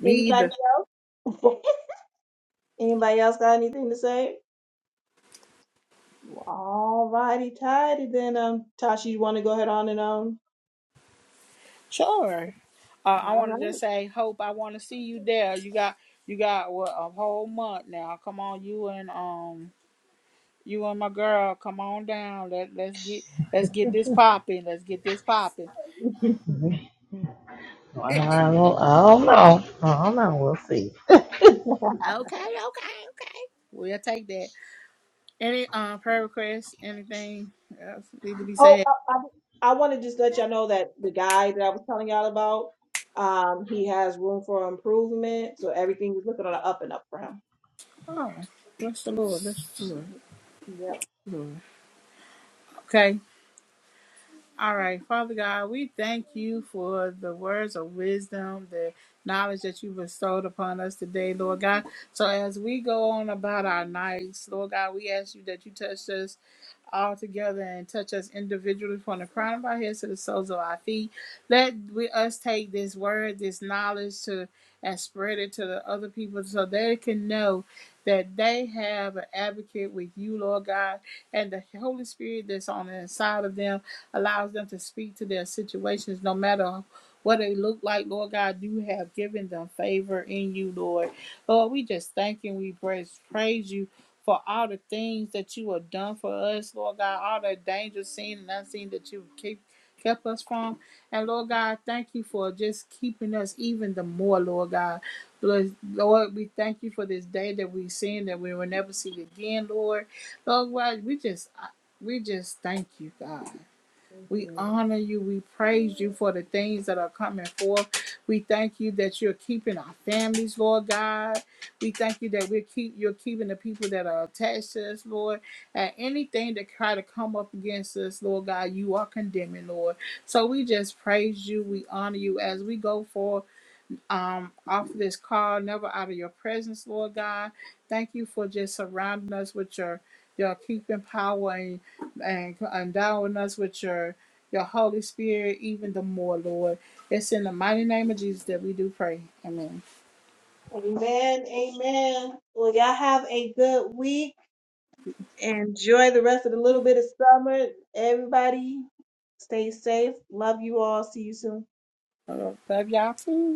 [SPEAKER 4] Me
[SPEAKER 1] Anybody
[SPEAKER 4] either.
[SPEAKER 1] anybody else got anything to say? All righty, tidy then um Tasha, you wanna go ahead on and on?
[SPEAKER 4] Sure. Uh, I
[SPEAKER 1] All
[SPEAKER 4] want to
[SPEAKER 1] right.
[SPEAKER 4] just say, hope I want to see you there. You got you got what a whole month now. Come on, you and um You and my girl, come on down. Let let's get let's get this popping. Let's get this popping.
[SPEAKER 3] Mhm. Well, I
[SPEAKER 4] okay,
[SPEAKER 3] don't, I don't know. I don't know. We'll see.
[SPEAKER 4] okay, okay. We'll take that. Any um prayer requests? Anything else need to be
[SPEAKER 1] oh
[SPEAKER 4] said?
[SPEAKER 1] I, I, I wanna just let y'all know that the guy that I was telling y'all about, um, he has room for improvement. So everything is looking on the up and up for
[SPEAKER 4] Oh, bless the Lord. Bless the Lord.
[SPEAKER 1] him.
[SPEAKER 4] Lord. Okay. All right, Father God, we thank you for the words of wisdom, the knowledge that you bestowed upon us today, Lord God. So as we go on about our nights, Lord God, we ask you that you touch us all together and touch us individually from the crown of our heads to the soles of our feet. Let we, us take this word, this knowledge to and spread it to the other people so they can know that they have an advocate with you, Lord God, and the Holy Spirit that's on the inside of them allows them to speak to their situations, no matter what they look like. Lord God, you have given them favor in you, Lord. Lord, we just thank you. We praise, praise you for all the things that you have done for us, Lord God, all the dangers seen and unseen that you keep kept us from. And Lord God, thank you for just keeping us even the more, Lord God. Lord, Lord, we thank you for this day that we've seen that we will never see again, Lord. Lord God, we just we just thank you, God.
[SPEAKER 1] Thank
[SPEAKER 4] We
[SPEAKER 1] you.
[SPEAKER 4] honor you. We praise you for the things that are coming forth. We thank you that you're keeping our families, Lord God. We thank you that we're keep you're keeping the people that are attached to us, Lord. And anything that try to come up against us, Lord God, you are condemning, Lord. So we just praise you. We honor you as we go forth um, off this call, never out of your presence, Lord God. Thank you for just surrounding us with your your keeping power and, and endowing us with your your Holy Spirit even the more, Lord. It's in the mighty name of Jesus that we do pray. Amen.
[SPEAKER 1] Amen. Amen. Well, y'all have a good week. Enjoy the rest of the little bit of summer. Everybody, stay safe. Love you all. See you soon.
[SPEAKER 4] Uh, Love y'all too.